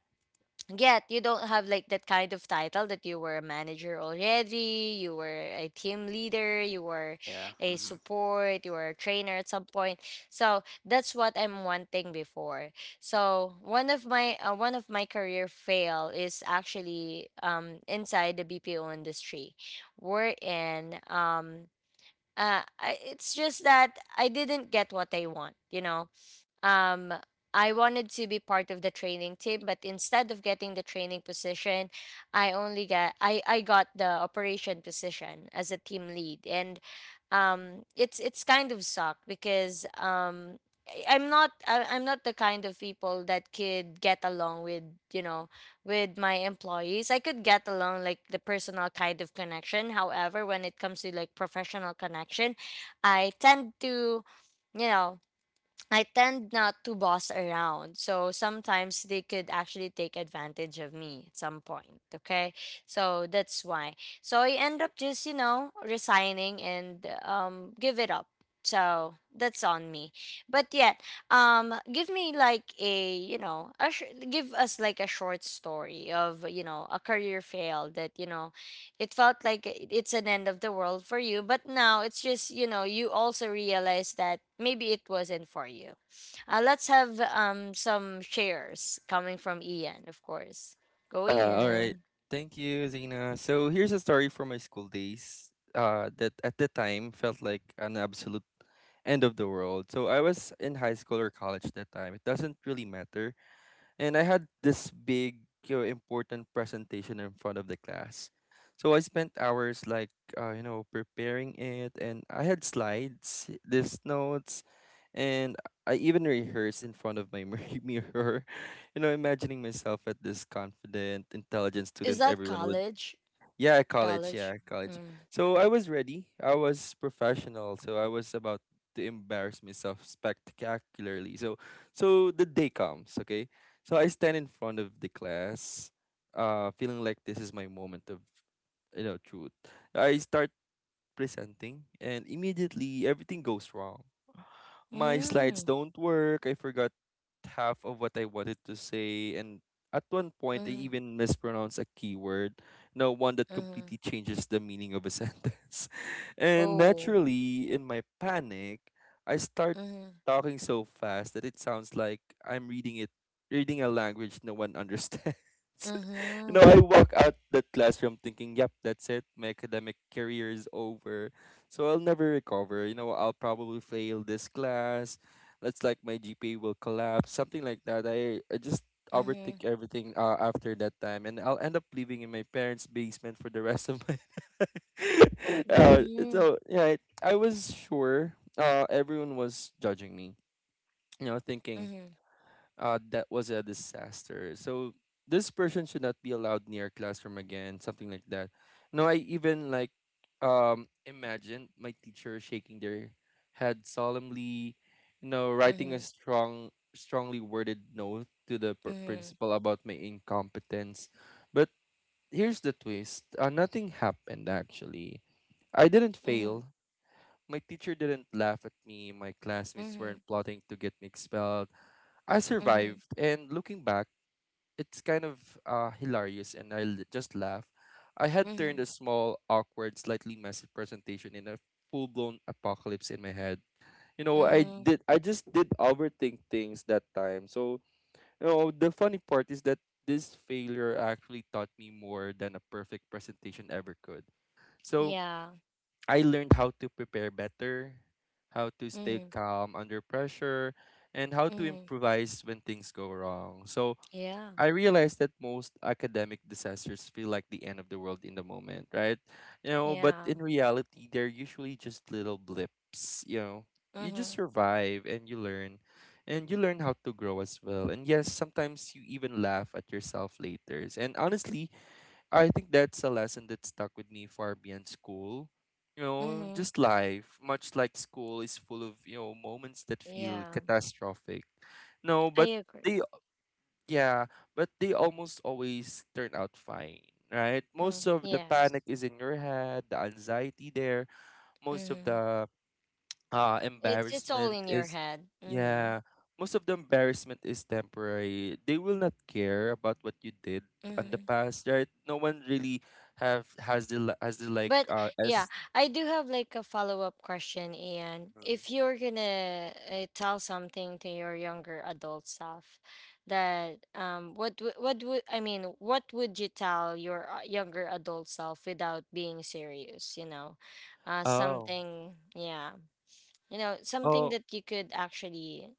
Speaker 1: yet you don't have like that kind of title that you were a manager already, you were a team leader, you were
Speaker 3: Yeah,
Speaker 1: a
Speaker 3: mhm.
Speaker 1: support, you were a trainer at some point. So that's what I'm wanting before. So one of my career fail is actually inside the BPO industry. We're in it's just that I didn't get what I want, you know. Um, I wanted to be part of the training team, but instead of getting the training position, I only got I got the operation position as a team lead. And it's kind of sucked because I'm not the kind of people that could get along with, you know, with my employees. I could get along like the personal kind of connection. However, when it comes to like professional connection, I tend to, you know, I tend not to boss around. So sometimes they could actually take advantage of me at some point. Okay. So that's why. So I end up just, you know, resigning and give it up. So that's on me. But yet, give me like a, you know, give us like a short story of, you know, a career fail that, you know, it felt like it's an end of the world for you, but now it's just, you know, you also realize that maybe it wasn't for you. Let's have some shares coming from Ian, of course. Go,
Speaker 2: All right.
Speaker 1: Ian.
Speaker 2: Thank you, Zena. So here's a story from my school days. That at the time felt like an absolute end of the world. So I was in high school or college that time. It doesn't really matter, and I had this big, you know, important presentation in front of the class. So I spent hours like, you know, preparing it, and I had slides, these notes, and I even rehearsed in front of my mirror. You know, imagining myself at this confident, intelligent
Speaker 1: Is
Speaker 2: student
Speaker 1: that
Speaker 2: everyone would.
Speaker 1: college?
Speaker 2: Yeah, college.
Speaker 1: College.
Speaker 2: Yeah, college.
Speaker 1: Mm.
Speaker 2: So I was ready. I was professional. So I was about to embarrass myself spectacularly. So, so the day comes. Okay. So I stand in front of the class, feeling like this is my moment of, you know, truth. I start presenting, and immediately everything goes wrong. My slides
Speaker 1: Mm.
Speaker 2: don't work. I forgot half of what I wanted to say. And at one point, I
Speaker 1: Mm.
Speaker 2: even mispronounced a keyword. No, one that
Speaker 1: Mm.
Speaker 2: completely changes the meaning of a sentence. And
Speaker 1: Oh.
Speaker 2: naturally, in my panic, I start
Speaker 1: Mm.
Speaker 2: talking so fast that it sounds like I'm reading it, reading a language no one understands. You know,
Speaker 1: Mm.
Speaker 2: I walk out that classroom thinking, yep, that's it. My academic career is over. So I'll never recover. You know, I'll probably fail this class. That's like my GPA will collapse, something like that. I just
Speaker 1: Mm.
Speaker 2: overthink everything, after that time, and I'll end up living in my parents' basement for the rest of my. uh,
Speaker 1: Mm.
Speaker 2: so yeah, I was sure. Everyone was judging me. You know, thinking,
Speaker 1: Mm.
Speaker 2: that was a disaster. So this person should not be allowed near classroom again, something like that. No, I even like, imagine my teacher shaking their head solemnly, you know, writing a
Speaker 1: Mm.
Speaker 2: strongly worded note to the
Speaker 1: Mm.
Speaker 2: principal about my incompetence. But here's the twist: nothing happened actually. I didn't
Speaker 1: Mm.
Speaker 2: fail. My teacher didn't laugh at me. My classmates
Speaker 1: Mm.
Speaker 2: weren't plotting to get me expelled. I
Speaker 1: Mm.
Speaker 2: survived, and looking back, it's kind of, hilarious, and I just laugh. I had turned
Speaker 1: Mm.
Speaker 2: a small, awkward, slightly messy presentation in a full-blown apocalypse in my head. You know,
Speaker 1: Mm.
Speaker 2: I just did overthink things that time. So, you know, the funny part is that this failure actually taught me more than a perfect presentation ever could. So,
Speaker 1: Yeah.
Speaker 2: I learned how to prepare better, how to stay
Speaker 1: Mm.
Speaker 2: calm under pressure, and how to
Speaker 1: Mm.
Speaker 2: improvise when things go wrong. So,
Speaker 1: Yeah.
Speaker 2: I realize that most academic disasters feel like the end of the world in the moment, right? You know, but
Speaker 1: Yeah.
Speaker 2: in reality, they're usually just little blips, you know. You just
Speaker 1: Mm.
Speaker 2: survive and you learn how to grow as well. And yes, sometimes you even laugh at yourself later. And honestly, I think that's a lesson that stuck with me far beyond school. You know,
Speaker 1: Mm.
Speaker 2: just life, much like school, is full of, you know, moments that feel
Speaker 1: Yeah.
Speaker 2: catastrophic. No,
Speaker 1: I
Speaker 2: but they
Speaker 1: agree.
Speaker 2: yeah, but they almost always turn out fine, right? Most
Speaker 1: Mm.
Speaker 2: of the
Speaker 1: Yes.
Speaker 2: panic is in your head, the anxiety there, most of
Speaker 1: Mm-hmm.
Speaker 2: the
Speaker 1: It's all
Speaker 2: embarrassment
Speaker 1: in your
Speaker 2: is,
Speaker 1: head. Mm-hmm.
Speaker 2: yeah, most of the embarrassment is temporary. They will not care about what you did on the
Speaker 1: Mm-hmm.
Speaker 2: past, right? No one really have has the like,
Speaker 1: But yeah,
Speaker 2: as.
Speaker 1: I do have like a follow-up question, Ian.
Speaker 2: Mhm.
Speaker 1: If you're gonna tell something to your younger adult self, that what what would I mean? What would you tell your younger adult self without being serious? You know,
Speaker 2: Oh,
Speaker 1: something. Yeah, you know, something
Speaker 2: oh,
Speaker 1: that you could actually,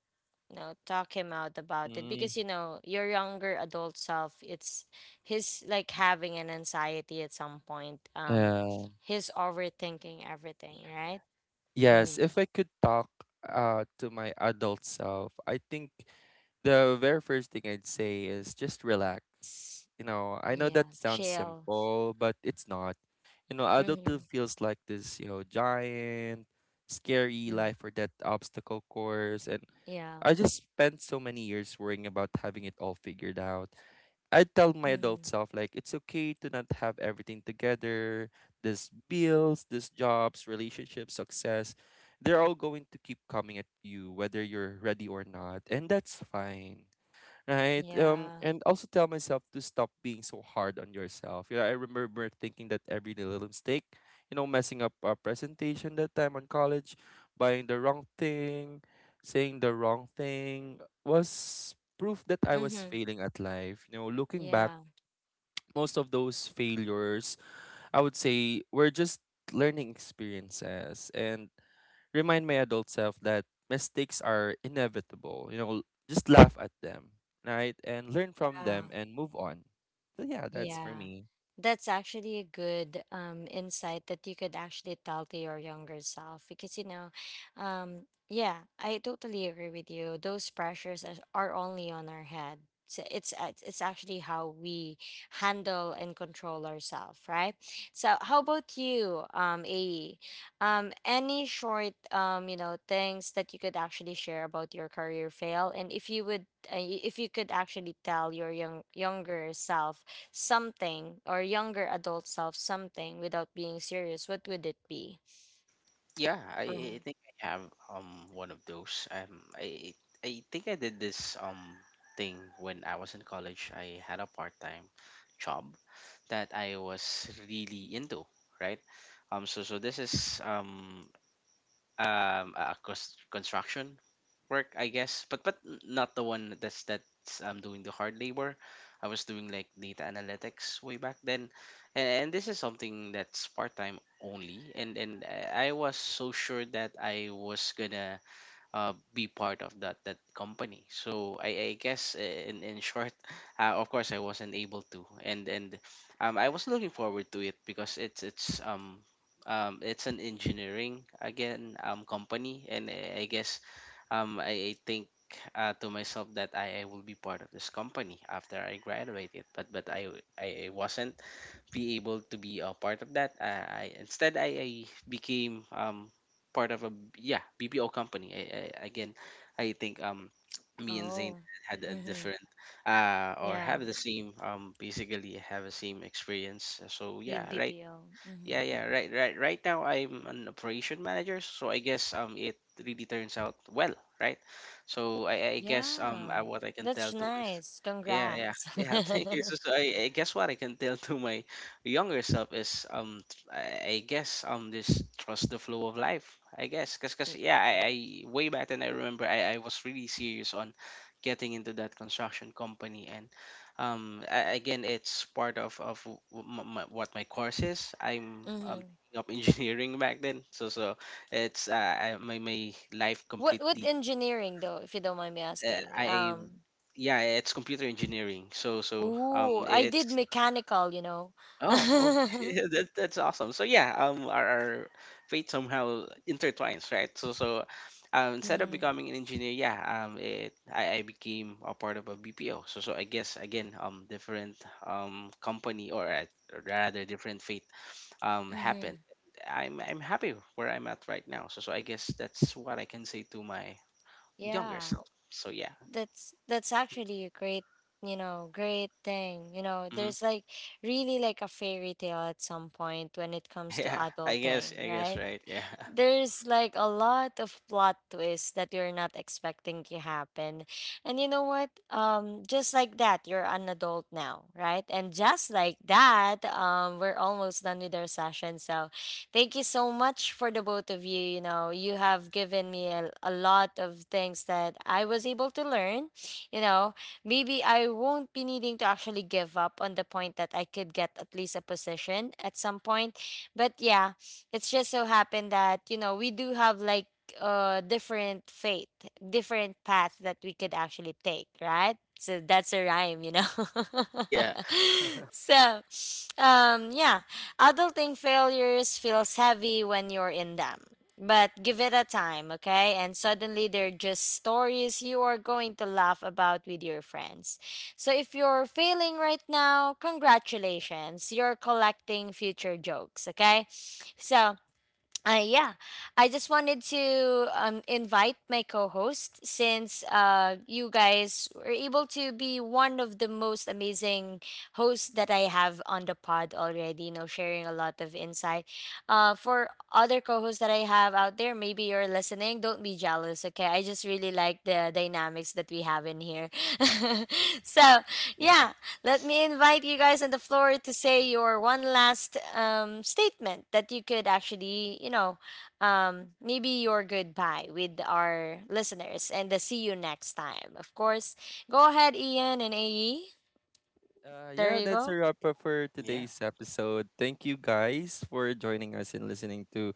Speaker 1: you know, talk him out about it,
Speaker 2: mm,
Speaker 1: because, you know, your younger adult self, it's he's like having an anxiety at some point, um,
Speaker 2: yeah.
Speaker 1: he's overthinking everything, right?
Speaker 2: Yes,
Speaker 1: Mm.
Speaker 2: if I could talk to my adult self, I think the very first thing I'd say is just relax. You know, I know
Speaker 1: Yeah,
Speaker 2: that sounds
Speaker 1: chill.
Speaker 2: simple, but it's not. You know, adulthood
Speaker 1: Mm-hmm.
Speaker 2: feels like this, you know, giant, scary
Speaker 1: Mm.
Speaker 2: life or death obstacle course, and
Speaker 1: Yeah.
Speaker 2: I just spent so many years worrying about having it all figured out. I tell my adult
Speaker 1: Mm-hmm.
Speaker 2: self like it's okay to not have everything together. These bills, these jobs, relationships, success, they're all going to keep coming at you whether you're ready or not, and that's fine, right?
Speaker 1: Yeah.
Speaker 2: And also tell myself to stop being so hard on yourself. You know, I remember thinking that every little mistake, you know, messing up a presentation that time on college, buying the wrong thing, saying the wrong thing was proof that I was
Speaker 1: Mm-hmm.
Speaker 2: failing at life. You know, looking back,
Speaker 1: Yeah.
Speaker 2: most of those failures, I would say, were just learning experiences, and remind my adult self that mistakes are inevitable. You know, just laugh at them, right? And learn from them and move on. So yeah, that's for
Speaker 1: Yeah,
Speaker 2: me.
Speaker 1: that's actually a good insight that you could actually tell to your younger self, because, you know, yeah, I totally agree with you. Those are only on our head. So it's actually how we handle and control ourselves, right? So how about you, AE? Any short you know, things that you could actually share about your career fail, and if you would, if you could actually tell your younger self something, or younger adult self something without being serious, what would it be?
Speaker 3: Yeah,
Speaker 1: Mm-hmm.
Speaker 3: I think I have, one of those. I think I did this, thing when I was in college. I had a part-time job that I was really into, right? So so this is, a cost construction work, I guess. But not the one that's doing the hard labor. I was doing like data analytics way back then. And this is something that's part-time only. And I was so sure that I was gonna be part of that that company. So I guess in short, of course I wasn't able to. And I was looking forward to it because it's an engineering again company. And I guess I think to myself that I will be part of this company after I graduated. But I wasn't be able to be a part of that. I Instead, I became part of a yeah BPO company. I again I think me and Zane
Speaker 1: Oh,
Speaker 3: had a
Speaker 1: mm-hmm.
Speaker 3: different or
Speaker 1: Yeah,
Speaker 3: have the same um, basically have the same experience. So
Speaker 1: with
Speaker 3: yeah right,
Speaker 1: BPO. Mm-hmm.
Speaker 3: yeah, yeah, right. Right right now, I'm an operation manager. So I guess it really turns out well, right. So I guess
Speaker 1: Yeah,
Speaker 3: what I can
Speaker 1: that's
Speaker 3: tell to
Speaker 1: nice.
Speaker 3: yeah, yeah,
Speaker 1: Congrats.
Speaker 3: yeah. Thank you. So, so I guess what I can tell to my younger self is um, I guess um, this trust the flow of life. I guess, because cause, yeah, I way back then, I remember I was really serious on getting into that construction company. And again, it's part of what my course is. I'm
Speaker 1: Mm-hmm.
Speaker 3: taking up engineering back then. So so it's uh, my my life
Speaker 1: What
Speaker 3: completely.
Speaker 1: engineering though, if you don't mind me asking?
Speaker 3: I Yeah, it's computer engineering. So so um,
Speaker 1: Ooh, I did
Speaker 3: it's
Speaker 1: mechanical, you know.
Speaker 3: oh, oh,
Speaker 1: Mm-hmm.
Speaker 3: that, that's awesome. So yeah, um, our fate somehow intertwines, right? So so um, instead of becoming an engineer, yeah, um, it I became a part of a BPO. So so I guess again, um, different um, company or, or rather, different fate
Speaker 1: Mm-hmm.
Speaker 3: happened. I'm happy where I'm at right now. So so I guess that's what I can say to my younger
Speaker 1: Yeah,
Speaker 3: self. So yeah.
Speaker 1: that's actually a great, you know, great thing. You know,
Speaker 3: Mm-hmm.
Speaker 1: there's like really like a fairy tale at some point when it comes to
Speaker 3: Yeah,
Speaker 1: adulting,
Speaker 3: I guess,
Speaker 1: right?
Speaker 3: right? Yeah,
Speaker 1: There's like a lot of plot twists that you're not expecting to happen. And you know what? Just like that, you're an adult now, right? And just like that, we're almost done with our session. So thank you so much for the both of you. You know, you have given me a lot of things that I was able to learn. You know, maybe I won't be needing to actually give up on the point that I could get at least a position at some point. But yeah, it's just so happened that, you know, we do have like different fate, different path that we could actually take, right? So that's a rhyme, you know.
Speaker 3: yeah,
Speaker 1: So yeah, adulting failures feels heavy when you're in them, but give it a time, okay, and suddenly they're just stories you are going to laugh about with your friends. So if you're failing right now, congratulations. You're collecting future jokes, okay? So yeah, I just wanted to invite my co-host, since you guys were able to be one of the most amazing hosts that I have on the pod already. You know, sharing a lot of insight. For other co-hosts that I have out there, maybe you're listening. Don't be jealous, okay? I just really like the dynamics that we have in here. So
Speaker 3: yeah,
Speaker 1: yeah, let me invite you guys on the floor to say your one last statement that you could actually, you know, maybe your goodbye with our listeners and the see you next time. Of course, go ahead, Ian and AE. There
Speaker 2: Yeah,
Speaker 1: you
Speaker 2: that's a
Speaker 1: go.
Speaker 2: wrap up for
Speaker 3: yeah,
Speaker 2: today's episode. Thank you guys for joining us and listening to,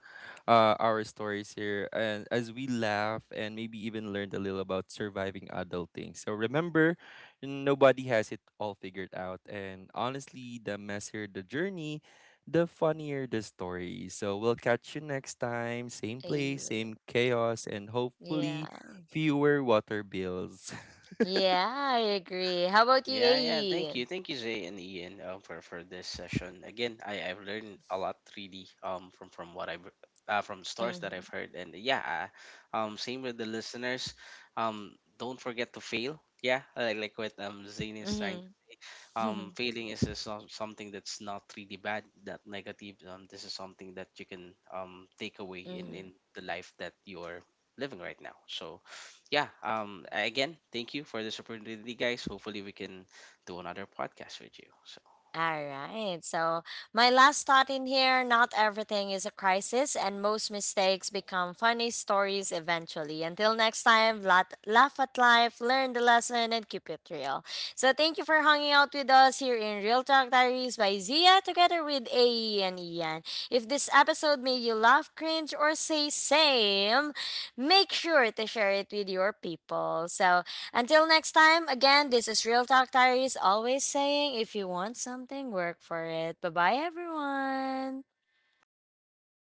Speaker 2: our stories here. And as we laugh and maybe even learned a little about surviving adulting. So remember, nobody has it all figured out. And honestly, the messier the journey, the funnier the story. So we'll catch you next time. Same place,
Speaker 1: AE.
Speaker 2: same chaos, and hopefully
Speaker 1: Yeah.
Speaker 2: fewer water bills.
Speaker 1: Yeah, I agree. How about you,
Speaker 3: yeah, yeah.
Speaker 1: AE?
Speaker 3: Thank you, Zay and Ian, for this session. Again, I've learned a lot really um, from what I've from stories that
Speaker 1: Mm-hmm.
Speaker 3: I've heard. And yeah, same with the listeners. Don't forget to fail. Yeah, like what um, Zayn is trying,
Speaker 1: Mm-hmm.
Speaker 3: um, failing is just something that's not really bad, that negative, um, this is something that you can um, take away in the life that you're living right now. So yeah, um, again, thank you for this opportunity, guys. Hopefully, we can do another podcast with you. So
Speaker 1: All right. So, my last thought in here, not everything is a crisis, and most mistakes become funny stories eventually. Until next time, laugh at life, learn the lesson, and keep it real. So, thank you for hanging out with us here in Real Talk Diaries by Zia together with AE and Ian. If this episode made you laugh, cringe, or say same, make sure to share it with your people. So, until next time, again, this is Real Talk Diaries, always saying if you want something, work for it. Bye bye, everyone.
Speaker 3: bye, thank you.